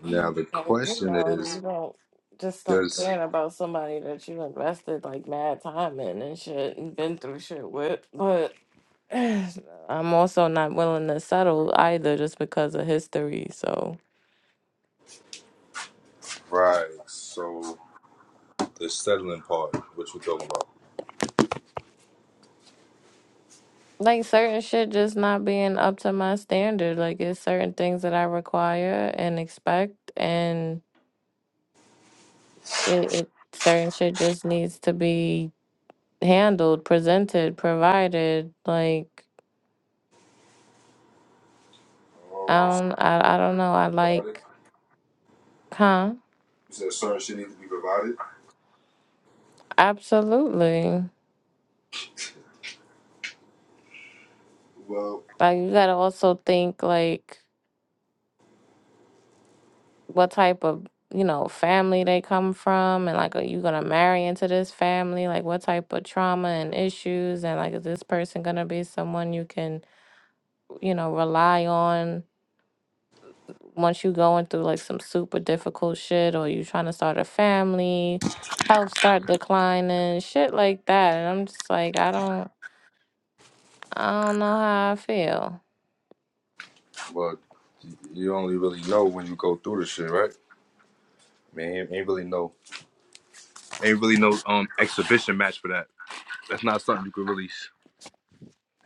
[SPEAKER 1] Now the
[SPEAKER 2] and, you
[SPEAKER 1] question
[SPEAKER 2] know if you
[SPEAKER 1] is,
[SPEAKER 2] don't just stop
[SPEAKER 1] does
[SPEAKER 2] caring about somebody that you invested like mad time in and shit and been through shit with, I'm also not willing to settle either just because of history. So,
[SPEAKER 1] right, so The settling part, what you talking about?
[SPEAKER 2] like, certain shit just not being up to my standard. Like, it's certain things that I require and expect, and it, it certain shit just needs to be handled, presented, provided. Like, I
[SPEAKER 1] Oh,
[SPEAKER 2] don't, I, I don't know. I
[SPEAKER 1] provided.
[SPEAKER 2] like, huh?
[SPEAKER 1] You said certain shit needs to be provided.
[SPEAKER 2] Absolutely.
[SPEAKER 1] Well,
[SPEAKER 2] Like, you gotta also think, like, what type of you know family they come from and like are you gonna marry into this family like what type of trauma and issues and like is this person gonna be someone you can you know rely on once you going through like some super difficult shit or you trying to start a family health start declining shit like that and i'm just like i don't i don't know how i feel
[SPEAKER 1] well, you only really know when you go through the shit, right? Man, ain't ain't really no, ain't really no um exhibition match for that. That's not something you could really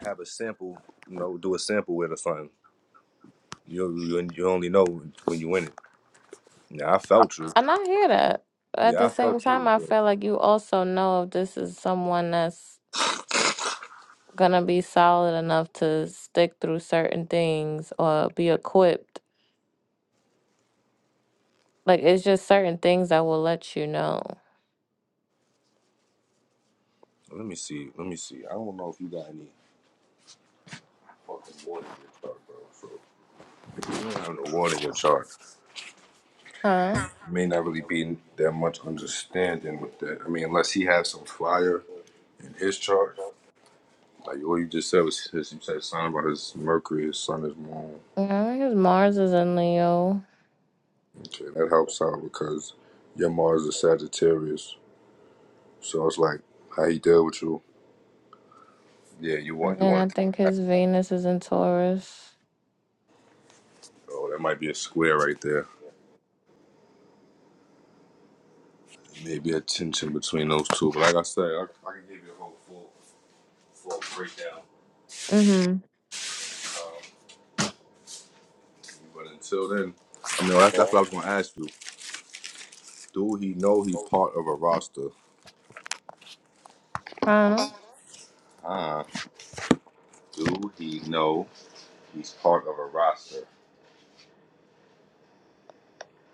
[SPEAKER 1] have a sample, you know, do a sample with or something. You you, you only know when you win it. Yeah, I felt you.
[SPEAKER 2] and i hear that at
[SPEAKER 1] Yeah,
[SPEAKER 2] the
[SPEAKER 1] I felt
[SPEAKER 2] same time
[SPEAKER 1] you.
[SPEAKER 2] i
[SPEAKER 1] But
[SPEAKER 2] feel like you also know if this is someone that's gonna be solid enough to stick through certain things or be equipped. Like it's just certain things that will let you know.
[SPEAKER 1] let me see, let me see. I don't know if you got any fucking water in your chart, bro. So you don't have no water in your chart.
[SPEAKER 2] Huh?
[SPEAKER 1] may not really be that much understanding with that. I mean, unless he has some fire in his chart. Like what you just said was his, you said something about his Mercury, his sun, his moon.
[SPEAKER 2] Yeah, I think his Mars is in Leo,
[SPEAKER 1] Okay, that helps out because your Mars is Sagittarius, so it's like how he deal with you. Yeah, you want
[SPEAKER 2] and
[SPEAKER 1] you
[SPEAKER 2] then I
[SPEAKER 1] want.
[SPEAKER 2] think his Venus is in Taurus.
[SPEAKER 1] Oh, that might be a square right there. Maybe a tension between those two. But like I said, I, I can give you a whole full full breakdown.
[SPEAKER 2] Mm-hmm.
[SPEAKER 1] But until then, I mean, that's, that's what I was gonna ask you. Do he know he's part of a roster?
[SPEAKER 2] Huh?
[SPEAKER 1] Ah. Do he know he's part of a roster?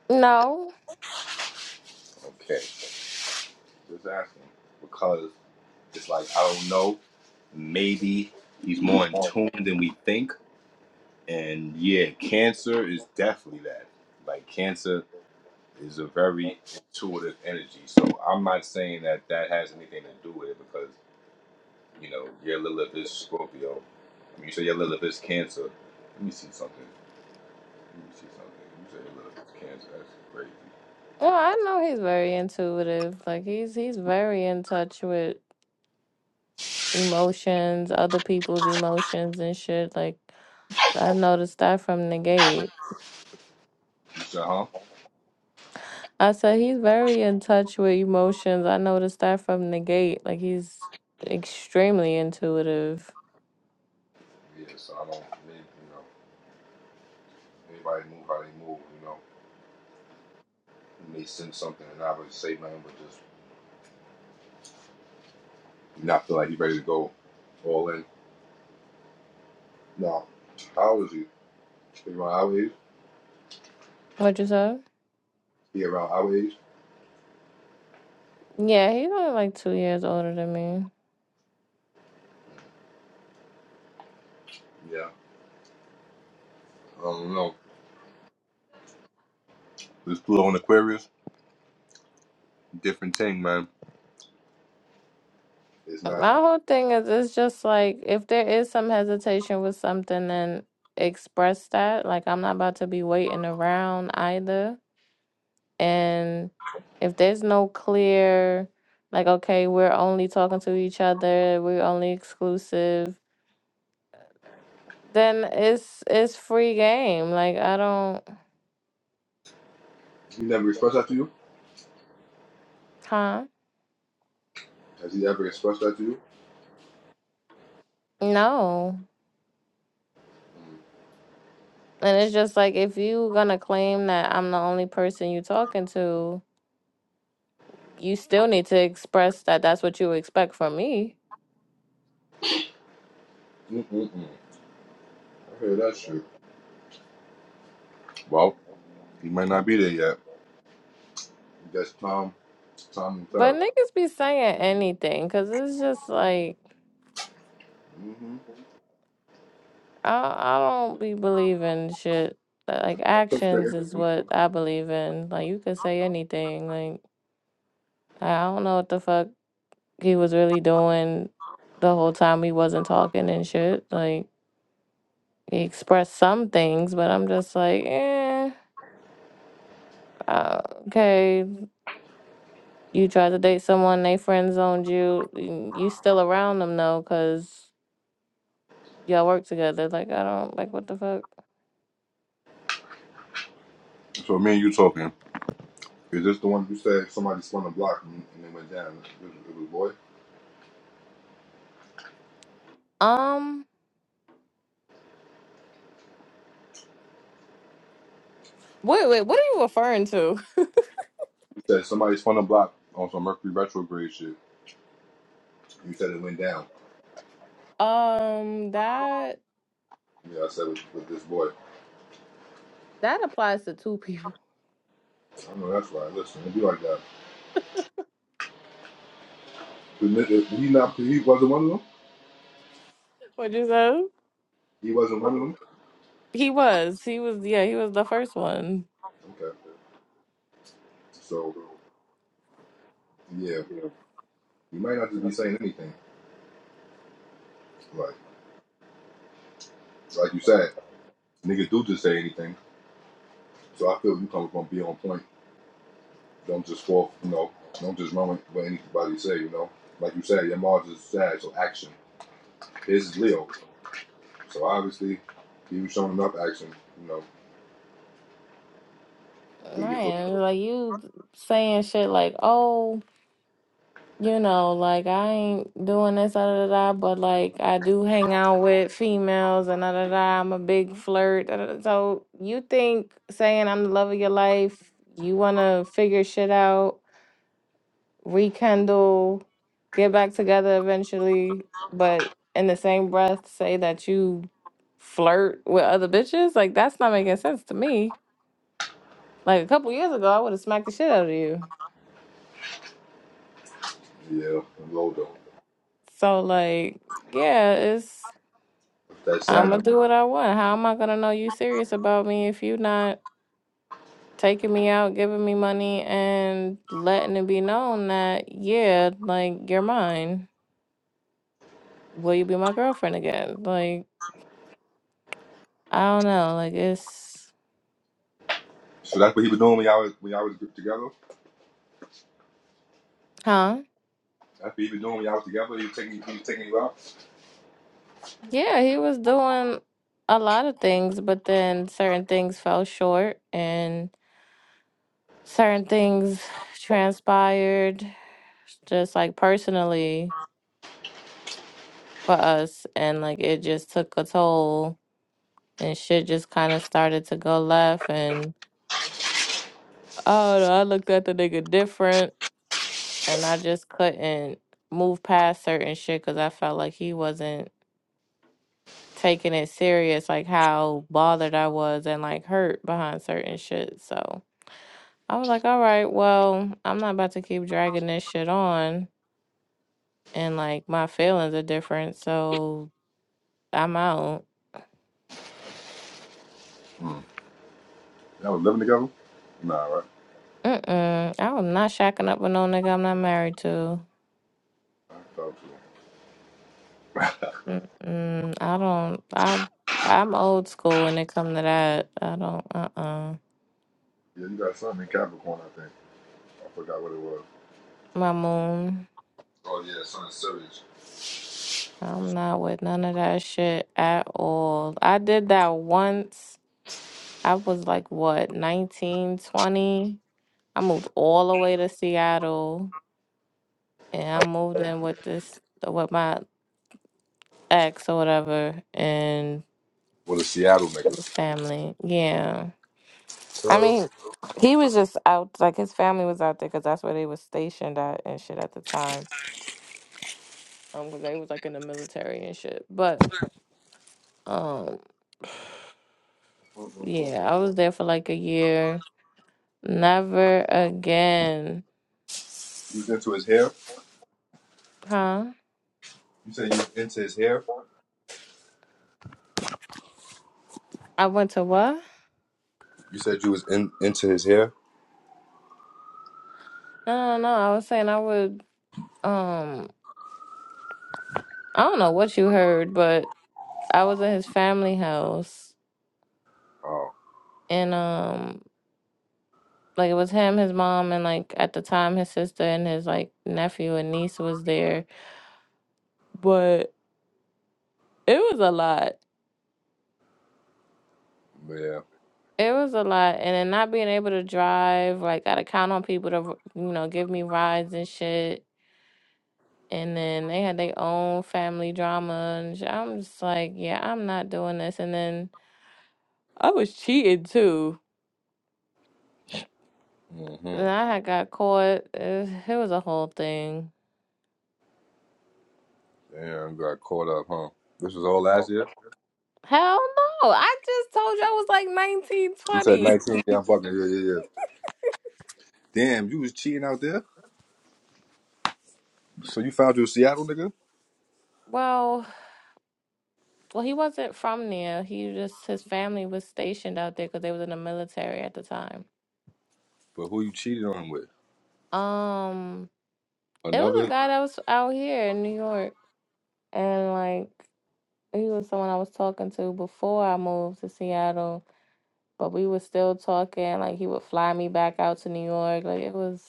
[SPEAKER 2] No.
[SPEAKER 1] Okay, just asking because it's like I don't know. Maybe he's more in tune than we think, and yeah, Cancer is definitely that. Like Cancer is a very intuitive energy, so I'm not saying that that has anything to do with it because you know your Lilith is Scorpio. I mean, you say your Lilith is Cancer. Let me see something. Let me see something. You say your Lilith is Cancer. That's crazy.
[SPEAKER 2] Well, I know he's very intuitive. Like he's he's very in touch with emotions, other people's emotions and shit. Like I noticed that from the gate.
[SPEAKER 1] You said, huh?
[SPEAKER 2] I said he's very in touch with emotions. I noticed that from the gate. Like he's extremely intuitive.
[SPEAKER 1] Yeah, so I don't, they, you know, everybody move how they move, you know. You may send something and not really say nothing, but just not feel like he ready to go all in. No. How old is he? He around our age?
[SPEAKER 2] What you say?
[SPEAKER 1] He around our age?
[SPEAKER 2] Yeah, he's only like two years older than me.
[SPEAKER 1] Yeah. I don't know. This Pluto and Aquarius, different thing, man. It's not,
[SPEAKER 2] My whole thing is it's just like if there is some hesitation with something, then express that. Like I'm not about to be waiting around either. And if there's no clear, like okay, we're only talking to each other, we're only exclusive then it's it's free game. Like I don't,
[SPEAKER 1] he never expressed that to you?
[SPEAKER 2] huh?
[SPEAKER 1] Has he ever expressed that to you?
[SPEAKER 2] No. And it's just like if you gonna claim that I'm the only person you talking to, you still need to express that that's what you expect from me.
[SPEAKER 1] Mm-mm-mm. I heard that shit. Well, he might not be there yet. That's Tom, Tom and
[SPEAKER 2] But
[SPEAKER 1] Phil.
[SPEAKER 2] niggas be saying anything, cause it's just like
[SPEAKER 1] Mm-hmm.
[SPEAKER 2] I I don't be believing shit. Like actions is what I believe in. Like you could say anything. Like I don't know what the fuck he was really doing the whole time he wasn't talking and shit. Like he expressed some things, but I'm just like, eh, uh, okay. You tried to date someone, they friend zoned you. and You still around them though, cause y'all work together. Like I don't like what the fuck.
[SPEAKER 1] So me and you talking. Is this the one you said somebody spun a block and, and it went down? It was, it was boy.
[SPEAKER 2] Um, wait, wait, what are you referring to?
[SPEAKER 1] You said somebody spun a block on some Mercury retrograde shit. You said it went down.
[SPEAKER 2] Um, that
[SPEAKER 1] Yeah, I said with, with this boy.
[SPEAKER 2] that applies to two people.
[SPEAKER 1] I know that's right. Listen, it'd be like that. He not. He wasn't one of them.
[SPEAKER 2] What you say?
[SPEAKER 1] He wasn't one of them.
[SPEAKER 2] He was, he was, yeah, he was the first one.
[SPEAKER 1] Okay. So yeah, you might not just be saying anything. Like like you said, niggas do just say anything. So I feel you come from be on point. Don't just fall. You know, don't just run with what anybody say. You know, like you said, your Mars is sad. So action. His is Leo. So obviously, he was showing enough action, you know. So you feel,
[SPEAKER 2] Man, like you saying shit like, oh, you know, like I ain't doing this, da da da, da, but like I do hang out with females and da da da. I'm a big flirt. Da, da, da. So you think saying I'm the love of your life, you wanna figure shit out, rekindle, get back together eventually, but in the same breath say that you flirt with other bitches? Like that's not making sense to me. Like a couple years ago, I would have smacked the shit out of you.
[SPEAKER 1] yeah, you older.
[SPEAKER 2] So like, yeah, it's
[SPEAKER 1] That's
[SPEAKER 2] I'm
[SPEAKER 1] sad.
[SPEAKER 2] gonna do what I want. How am I gonna know you serious about me if you not taking me out, giving me money, and letting it be known that yeah, like you're mine. Will you be my girlfriend again? Like I don't know. Like it's
[SPEAKER 1] So that's what he was doing when y'all was, when y'all was together.
[SPEAKER 2] huh?
[SPEAKER 1] That's what he was doing when y'all was together. He was taking he was taking you out.
[SPEAKER 2] Yeah, he was doing a lot of things, but then certain things fell short, and certain things transpired, just like personally for us and like it just took a toll and shit just kind of started to go left and oh no, I looked at the nigga different and I just couldn't move past certain shit because I felt like he wasn't taking it serious like how bothered I was and like hurt behind certain shit so I was like all right well I'm not about to keep dragging this shit on and like my feelings are different so I'm out
[SPEAKER 1] Y'all was living together. Nah, right?
[SPEAKER 2] Mm-mm. I am not shacking up with no nigga I'm not married to.
[SPEAKER 1] I thought so.
[SPEAKER 2] Mm-mm, I don't. I I'm old school when it come to that. I don't. Uh-uh.
[SPEAKER 1] Yeah, you got something in Capricorn, I think. I forgot what it was.
[SPEAKER 2] My moon.
[SPEAKER 1] Oh yeah, son Sirius.
[SPEAKER 2] I'm not with none of that shit at all. I did that once. I was like what, 19, 20? I moved all the way to Seattle and I moved in with this with my ex or whatever and
[SPEAKER 1] Well, the Seattle
[SPEAKER 2] his
[SPEAKER 1] nigga.
[SPEAKER 2] family. Yeah. I
[SPEAKER 1] So
[SPEAKER 2] mean, he was just out, like his family was out there because that's where they was stationed at and shit at the time. Um, 'cause they was like in the military and shit. But um, yeah, I was there for like a year. Never again,
[SPEAKER 1] you was into his hair.
[SPEAKER 2] huh?
[SPEAKER 1] You said you was into his hair.
[SPEAKER 2] I went to what?
[SPEAKER 1] You said you was in, into his hair.
[SPEAKER 2] No, no, no. I was saying I would. Um, I don't know what you heard, but I was in his family house
[SPEAKER 1] Oh
[SPEAKER 2] and um, like it was him, his mom, and like at the time his sister and his like nephew and niece was there but it was a lot.
[SPEAKER 1] yeah.
[SPEAKER 2] It was a lot, and then not being able to drive, like gotta count on people to, you know, give me rides and shit. And then they had their own family drama, and sh- I'm just like, yeah, I'm not doing this. And then I was cheating too.
[SPEAKER 1] Mm-hmm.
[SPEAKER 2] And I had got caught. It, it was a whole thing.
[SPEAKER 1] Damn, you got caught up, huh? This was all last year?
[SPEAKER 2] Hell no! I just told you I was like 19
[SPEAKER 1] You said
[SPEAKER 2] 20.
[SPEAKER 1] 19, yeah, I'm fucking, yeah, yeah, yeah. Damn, you was cheating out there? So you found you your Seattle nigga?
[SPEAKER 2] Well, well, he wasn't from there. He just his family was stationed out there because they was in the military at the time.
[SPEAKER 1] But who you cheated on with?
[SPEAKER 2] Um, it was a
[SPEAKER 1] Another?
[SPEAKER 2] guy that was out here in New York, and like he was someone I was talking to before I moved to Seattle, but we were still talking. Like he would fly me back out to New York. Like it was,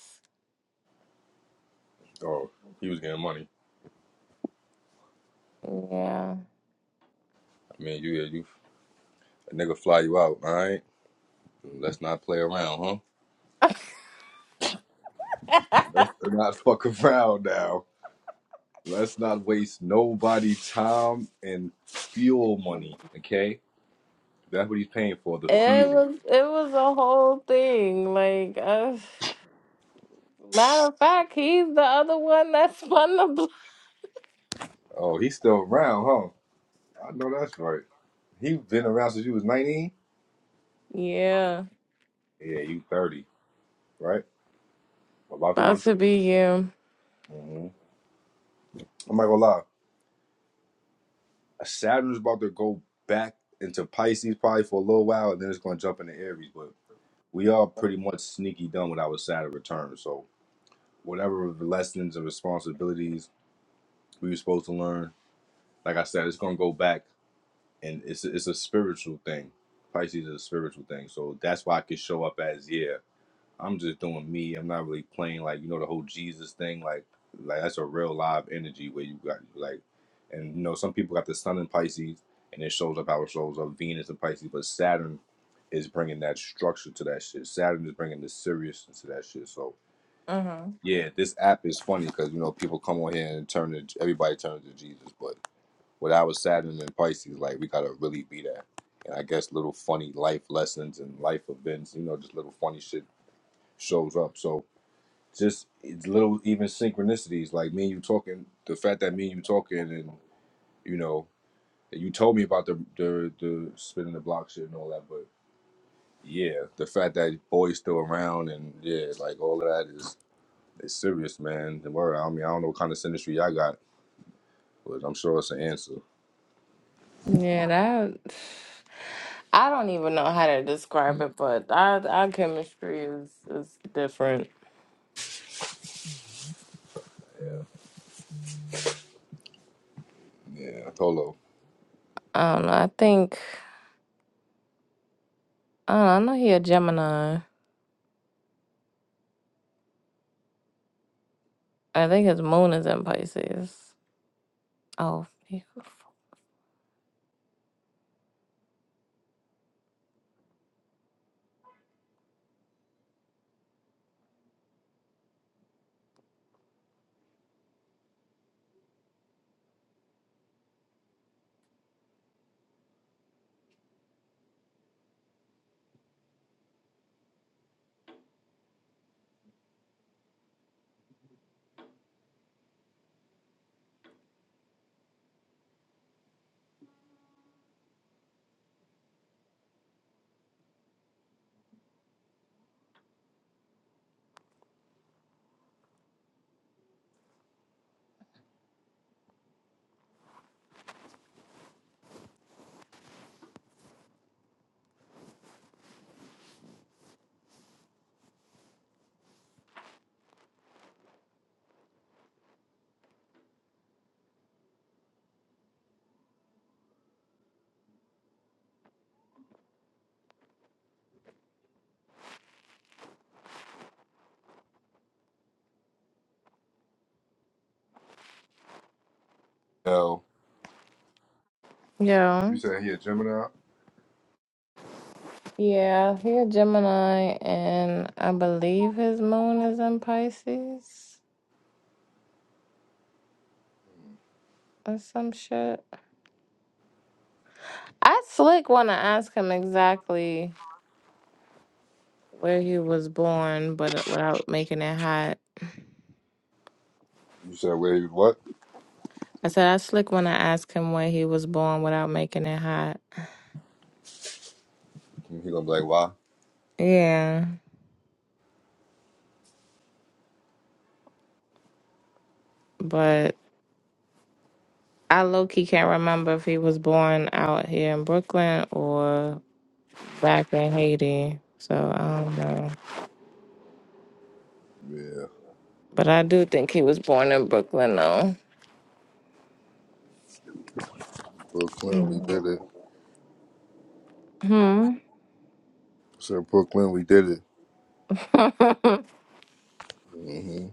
[SPEAKER 1] Oh, he was getting money.
[SPEAKER 2] yeah,
[SPEAKER 1] I mean, you, yeah, you, a nigga fly you out, all right? Let's not play around, huh?
[SPEAKER 2] it
[SPEAKER 1] Let's not fuck around now. Let's not waste nobody time and fuel money, okay? That's what he's paying for, the fuel.
[SPEAKER 2] was it was a whole thing. Like uh, matter of fact, he's the other one that spun the block.
[SPEAKER 1] Oh, he's still around, huh? I know that's right. He been around since you was 19?
[SPEAKER 2] Yeah,
[SPEAKER 1] Yeah, you 30, right? About to
[SPEAKER 2] about
[SPEAKER 1] be.
[SPEAKER 2] to be you.
[SPEAKER 1] hmm I'm not gonna lie. Saturn's about to go back into Pisces probably for a little while, and then it's gonna jump into Aries. But we are pretty much sneaky done with our Saturn return. So whatever lessons and responsibilities we were supposed to learn, like I said, it's gonna go back, and it's it's a spiritual thing. Pisces is a spiritual thing, so that's why I could show up as yeah. I'm just doing me. I'm not really playing like you know the whole Jesus thing. Like like that's a real live energy where you got like, and you know some people got the Sun in Pisces and it shows up how it shows up Venus in Pisces, but Saturn is bringing that structure to that shit. Saturn is bringing the seriousness to that shit. So
[SPEAKER 2] Uh huh.
[SPEAKER 1] yeah, this app is funny because you know people come on here and turn to everybody turns to Jesus, but with our Saturn and Pisces, like we gotta really be that. And I guess little funny life lessons and life events, you know, just little funny shit shows up. So just it's little even synchronicities like me and you talking the fact that me and you talking and you know you told me about the the the spinning the block shit and all that but yeah the fact that boy's still around and yeah like all of that is is serious man the word i mean i don't know what kind of synistry y'all got but i'm sure it's an answer
[SPEAKER 2] Yeah, that. I don't even know how to describe it, but our our chemistry is is different.
[SPEAKER 1] yeah polo
[SPEAKER 2] I don't know. I think I don't know. I know he a Gemini. I think his moon is in Pisces. Oh, he-
[SPEAKER 1] L.
[SPEAKER 2] yeah,
[SPEAKER 1] you said he a gemini
[SPEAKER 2] yeah. He a Gemini, and I believe his moon is in Pisces or some shit. I slick want to ask him exactly where he was born, but uh, without making it hot.
[SPEAKER 1] you said where he what
[SPEAKER 2] I said I slick want to ask him where he was born without making it hot.
[SPEAKER 1] he gonna be like why
[SPEAKER 2] Yeah, but I low key can't remember if he was born out here in Brooklyn or back in Haiti. So I don't know.
[SPEAKER 1] yeah
[SPEAKER 2] But I do think he was born in Brooklyn though.
[SPEAKER 1] brooklyn we
[SPEAKER 2] Mm.
[SPEAKER 1] did it
[SPEAKER 2] Hmm.
[SPEAKER 1] said brooklyn we did it
[SPEAKER 2] but I
[SPEAKER 1] hmm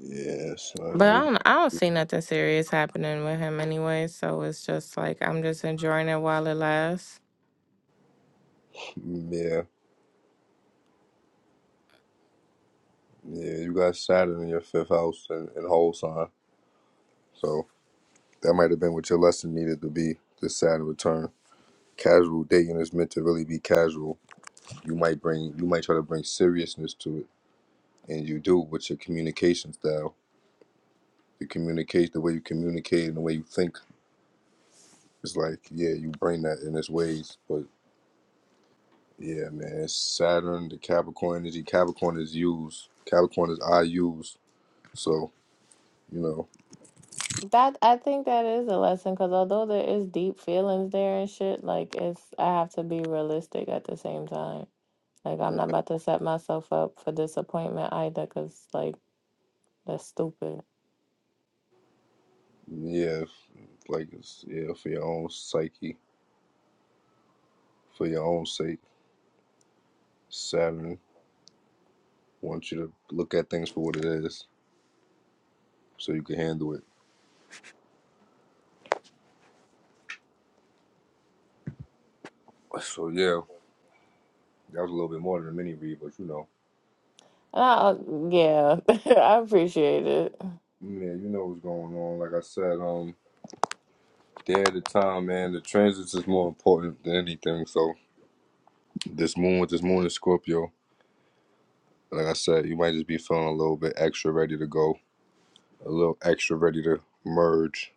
[SPEAKER 1] Yes,
[SPEAKER 2] don't I don't see nothing serious happening with him anyway, so it's just like I'm just enjoying it while it lasts.
[SPEAKER 1] Yeah, yeah. You got Saturn in your fifth house and, and whole sign, so that might have been what your lesson needed to be. This Saturn return. Casual dating is meant to really be casual. You might bring, you might try to bring seriousness to it, and you do with your communication style. You communicate the way you communicate and the way you think. It's like, yeah, you bring that in its ways, but yeah, man, it's Saturn, the Capricorn energy. Capricorn is used. Capricorn is I use. So you know.
[SPEAKER 2] That I think that is a lesson because although there is deep feelings there and shit, like it's I have to be realistic at the same time. Like I'm not about to set myself up for disappointment either, cause like that's stupid.
[SPEAKER 1] Yeah, like it's yeah for your own psyche, for your own sake. Saturn wants you to look at things for what it is, so you can handle it. So yeah, that was a little bit more than a mini read, but you know,
[SPEAKER 2] And I, uh, yeah, I appreciate it.
[SPEAKER 1] yeah, you know what's going on. Like I said, um, day at a time, man. The transits is more important than anything. So this moon with this moon in Scorpio, like I said, you might just be feeling a little bit extra ready to go, a little extra ready to merge.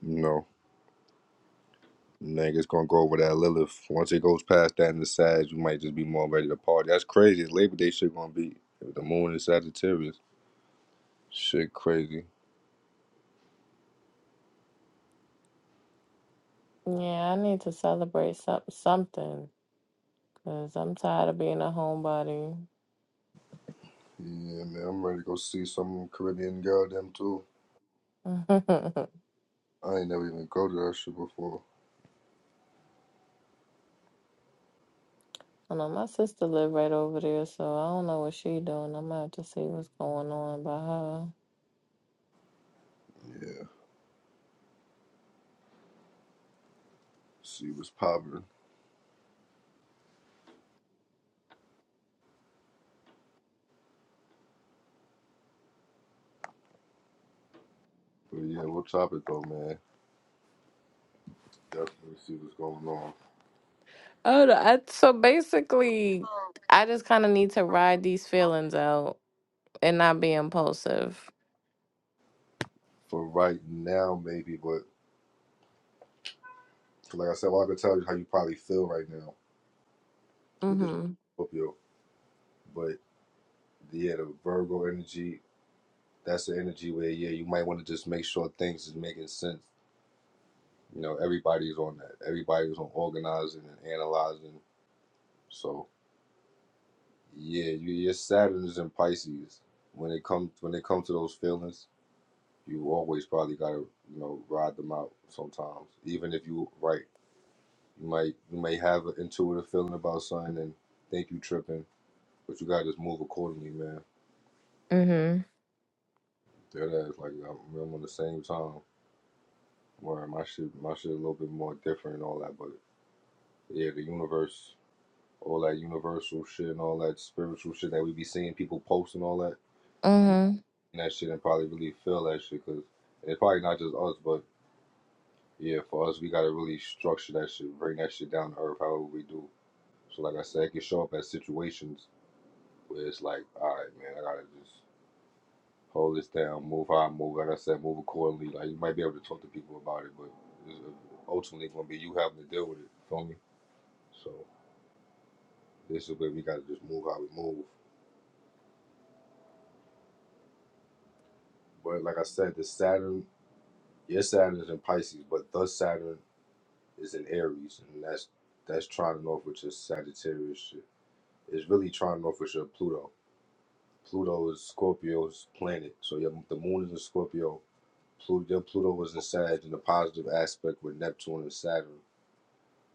[SPEAKER 1] You know. Niggas gonna go over that Lilith. Once it goes past that and the Sag, you might just be more ready to party. That's crazy. Labor Day shit gonna be with the moon in Sagittarius. Shit crazy.
[SPEAKER 2] Yeah, I need to celebrate some something, cause I'm tired of being a homebody.
[SPEAKER 1] Yeah, man, I'm ready to go see some Caribbean goddamn too. I ain't never even go to that shit before.
[SPEAKER 2] I know my sister live right over there, so I don't know what she doing. I'm gonna have to see what's going on by her.
[SPEAKER 1] Yeah, see what's poppin'. But yeah, we'll top it though, man. Definitely see what's going on.
[SPEAKER 2] Oh, no, I, so basically, I just kind of need to ride these feelings out and not be impulsive.
[SPEAKER 1] For right now, maybe, but like I said, all I can tell you how you probably feel right now with this
[SPEAKER 2] Mhm.
[SPEAKER 1] Scorpio. But yeah, the Virgo energy that's the energy where yeah, you might want to just make sure things is making sense. You know, everybody's on that. Everybody's on organizing and analyzing. So yeah, you, your Saturn is in Pisces. When it comes when it comes to those feelings, you always probably gotta you know ride them out sometimes. Even if you right, you might you may have an intuitive feeling about something and think you tripping, but you gotta just move accordingly, man.
[SPEAKER 2] Mhm.
[SPEAKER 1] That is like I'm, I'm on the same time where my shit my shit a little bit more different and all that, but Yeah, the universe, all that universal shit and all that spiritual shit that we be seeing people post and all that.
[SPEAKER 2] Mhm.
[SPEAKER 1] And that shit and probably really feel that shit because it's probably not just us, but yeah, for us, we gotta really structure that shit, bring that shit down to earth, however we do. So, like I said, it can show up as situations where it's like, all right, man, I gotta just hold this down, move how I move. Like I said, move accordingly. Like you might be able to talk to people about it, but it's uh, ultimately gonna be you having to deal with it. Feel me? So this is where we gotta just move how we move. But like I said, the Saturn, your Saturn is in Pisces, but the Saturn is in Aries, and that's that's trying off with your Sagittarius shit. It's really trying off with your Pluto. Pluto is Scorpio's planet, so your the moon is in Scorpio. Pluto, your Pluto was in Sag in a positive aspect with Neptune and Saturn,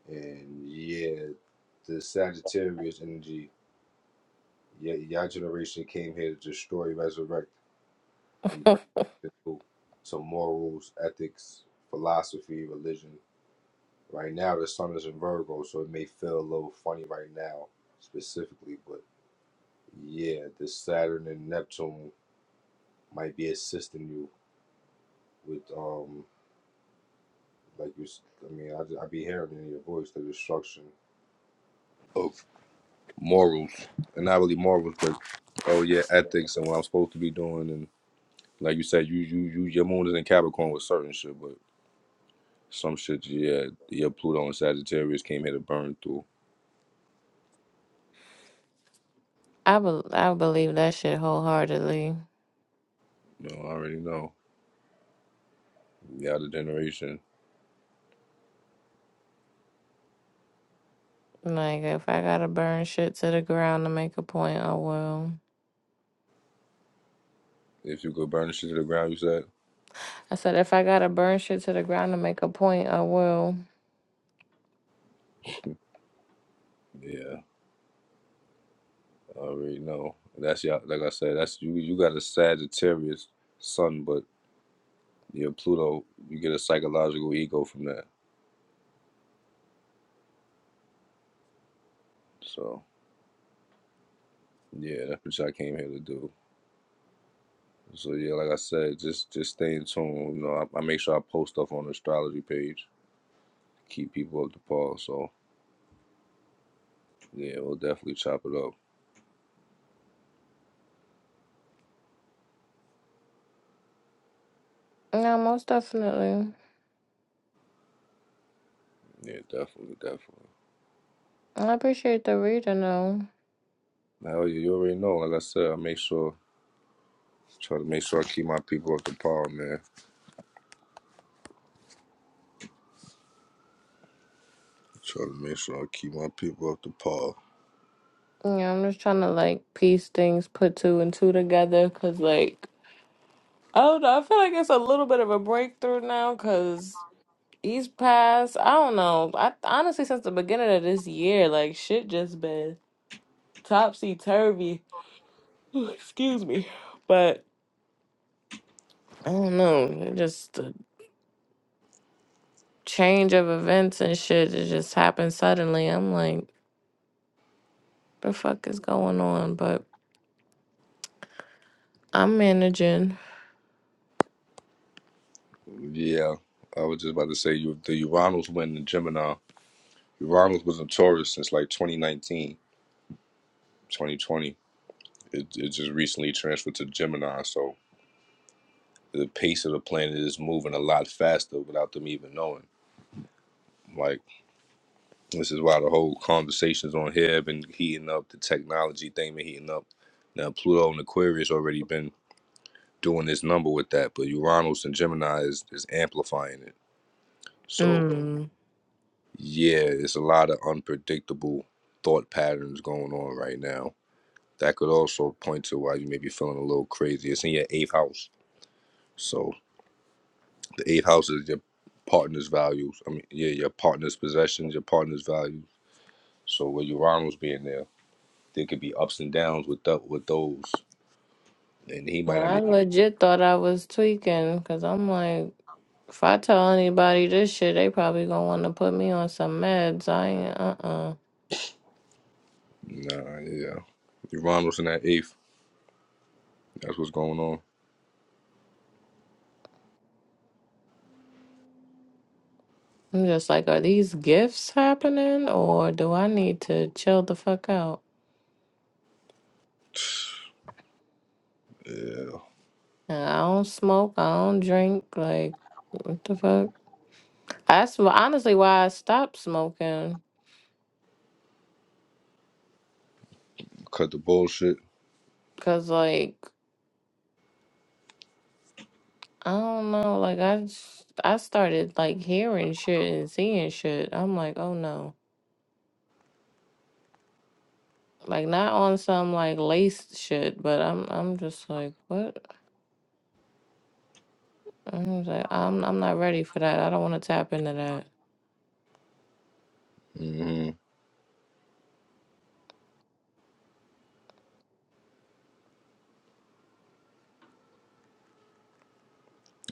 [SPEAKER 1] and yeah, the Sagittarius energy. Yeah, your generation came here to destroy, resurrect. and bring
[SPEAKER 2] If-
[SPEAKER 1] people to morals, ethics, philosophy, religion. Right now, the sun is in Virgo, so it may feel a little funny right now, specifically. But yeah, the Saturn and Neptune might be assisting you with, um, like you. I mean, I, I be hearing in your voice the destruction of morals, and not really morals, but oh yeah, ethics and what I'm supposed to be doing. And like you said, you you you your moon is in Capricorn with certain shit, but Some shit, yeah, yeah, Pluto and Sagittarius came here to burn through.
[SPEAKER 2] I bel I believe that shit wholeheartedly.
[SPEAKER 1] You know, I already know. The other generation.
[SPEAKER 2] Like if I gotta burn shit to the ground to make a point, I will.
[SPEAKER 1] If you could burn the shit to the ground, you said?
[SPEAKER 2] I said if I gotta burn shit to the ground to make a point, I will.
[SPEAKER 1] Yeah, I already know. That's y'all, like I said, that's you you got a Sagittarius sun, but your Pluto, you get a psychological ego from that. So, yeah, that's what y'all came here to do. So yeah, like I said, just just stay in tune. You know, I, I make sure I post stuff on the astrology page, keep people up to par. So yeah, we'll definitely chop it up.
[SPEAKER 2] Yeah, most definitely.
[SPEAKER 1] Yeah, definitely, definitely.
[SPEAKER 2] I appreciate the reading though.
[SPEAKER 1] Hell yeah, you already know. Like I said, I make sure try to make sure I keep my people up the par, man. Try to make sure I keep my people up the par.
[SPEAKER 2] Yeah, I'm just trying to like piece things, put two and two together, cause like I don't know. I feel like it's a little bit of a breakthrough now, cause he's passed. I don't know. I honestly since the beginning of this year, like shit just been topsy turvy Excuse me. But I don't know. it Just the change of events and shit. It just happened suddenly. I'm like, the fuck is going on? But I'm managing.
[SPEAKER 1] Yeah. I was just about to say you the Uranus went in Gemini. Uranus was in Taurus since like 2019, 2020. It it just recently transferred to Gemini, so the pace of the planet is moving a lot faster without them even knowing. Like this is why the whole conversations on here have been heating up, the technology thing been heating up. Now Pluto and Aquarius already been doing this number with that, but Uranus and Gemini is, is amplifying it. So
[SPEAKER 2] Mm.
[SPEAKER 1] yeah, it's a lot of unpredictable thought patterns going on right now. That could also point to why you may be feeling a little crazy. It's in your eighth house. So the eighth house is your partner's values. I mean, yeah, your partner's possessions, your partner's values. So with Uranus being there, there could be ups and downs with that with those. And he might not
[SPEAKER 2] I
[SPEAKER 1] even
[SPEAKER 2] legit thought I was tweaking because I'm like, if I tell anybody this shit, they probably gonna want to put me on some meds. I ain't, uh-uh.
[SPEAKER 1] Nah, yeah. Uranus in that eighth. That's what's going on.
[SPEAKER 2] I'm just like, are these gifts happening or do I need to chill the fuck out?
[SPEAKER 1] Yeah.
[SPEAKER 2] And I don't smoke. I don't drink. Like, what the fuck? That's wh- honestly why I stopped smoking.
[SPEAKER 1] cut the bullshit.
[SPEAKER 2] Cause like I don't know, like I just, I started like hearing shit and seeing shit. I'm like, oh no, like not on some like lace shit, but I'm I'm just like what? I'm just like I'm I'm not ready for that. I don't want to tap into that.
[SPEAKER 1] hmm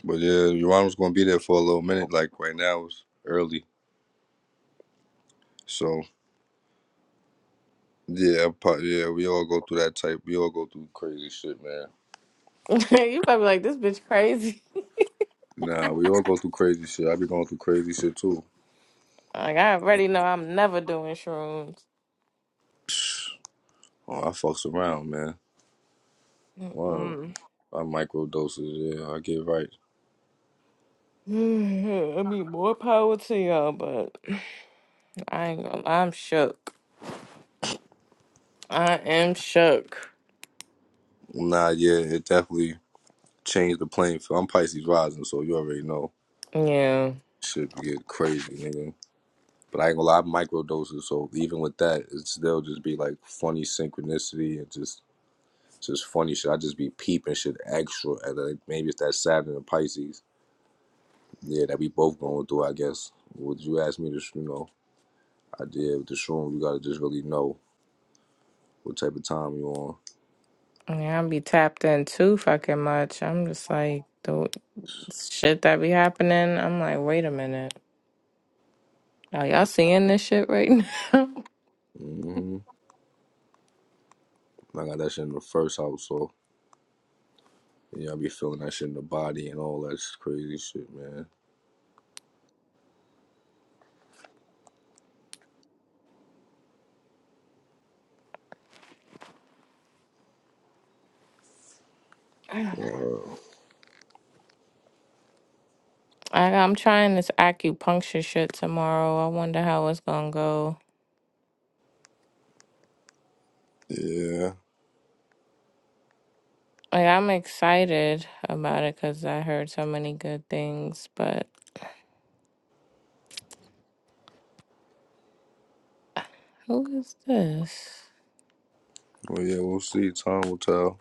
[SPEAKER 1] But yeah, Uranus gonna be there for a little minute. Like right now, it's early, so yeah, pro- yeah, we all go through that type. We all go through crazy shit, man.
[SPEAKER 2] you probably like this bitch crazy.
[SPEAKER 1] Nah, we all go through crazy shit. I be going through crazy shit too.
[SPEAKER 2] Like I already know I'm never doing shrooms.
[SPEAKER 1] Oh, I fucks around, man. Word.
[SPEAKER 2] Mm-mm.
[SPEAKER 1] I microdoses. Yeah, I get right.
[SPEAKER 2] I mean more power to y'all, but I ain't gonna, I'm shook. I am shook.
[SPEAKER 1] Nah, yeah, it definitely changed the playing field. I'm Pisces rising, so you already know
[SPEAKER 2] Yeah.
[SPEAKER 1] shit get crazy, nigga. But I ain't gonna lie, micro doses, so even with that, it still just be like funny synchronicity and just just funny shit. I just be peeping shit extra, and like maybe it's that Saturn and Pisces, yeah, that we both going through. I guess. Would you ask me to, you know, I did with the shroom. You gotta just really know what type of time you on.
[SPEAKER 2] Yeah, I be tapped in too fucking much. I'm just like, the shit that be happening, I'm like, wait a minute. Are y'all seeing this shit right now?
[SPEAKER 1] hmm I got that shit in the first house, so yeah, I be feeling that shit in the body and all that crazy shit, man. Wow.
[SPEAKER 2] I, I'm trying this acupuncture shit tomorrow. I wonder how it's gonna go.
[SPEAKER 1] Yeah.
[SPEAKER 2] Like, I'm excited about it because I heard so many good things, but who is this?
[SPEAKER 1] Well, yeah, we'll see. Time will tell.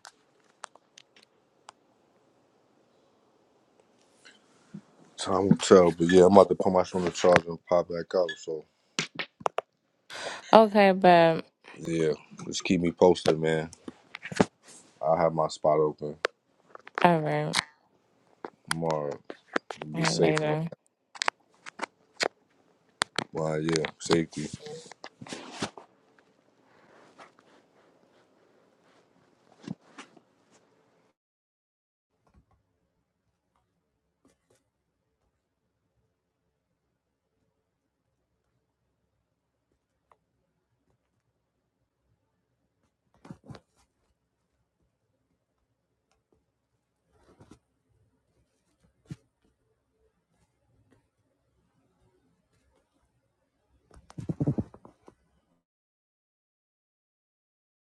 [SPEAKER 1] Time will tell, but yeah, I'm about to put my shit on the charger and pop back out. So
[SPEAKER 2] Okay, but
[SPEAKER 1] yeah, just keep me posted, man. I will have my spot open
[SPEAKER 2] all right.
[SPEAKER 1] tomorrow. Be
[SPEAKER 2] All right,
[SPEAKER 1] safe and all.
[SPEAKER 2] later.
[SPEAKER 1] Well, yeah, safety.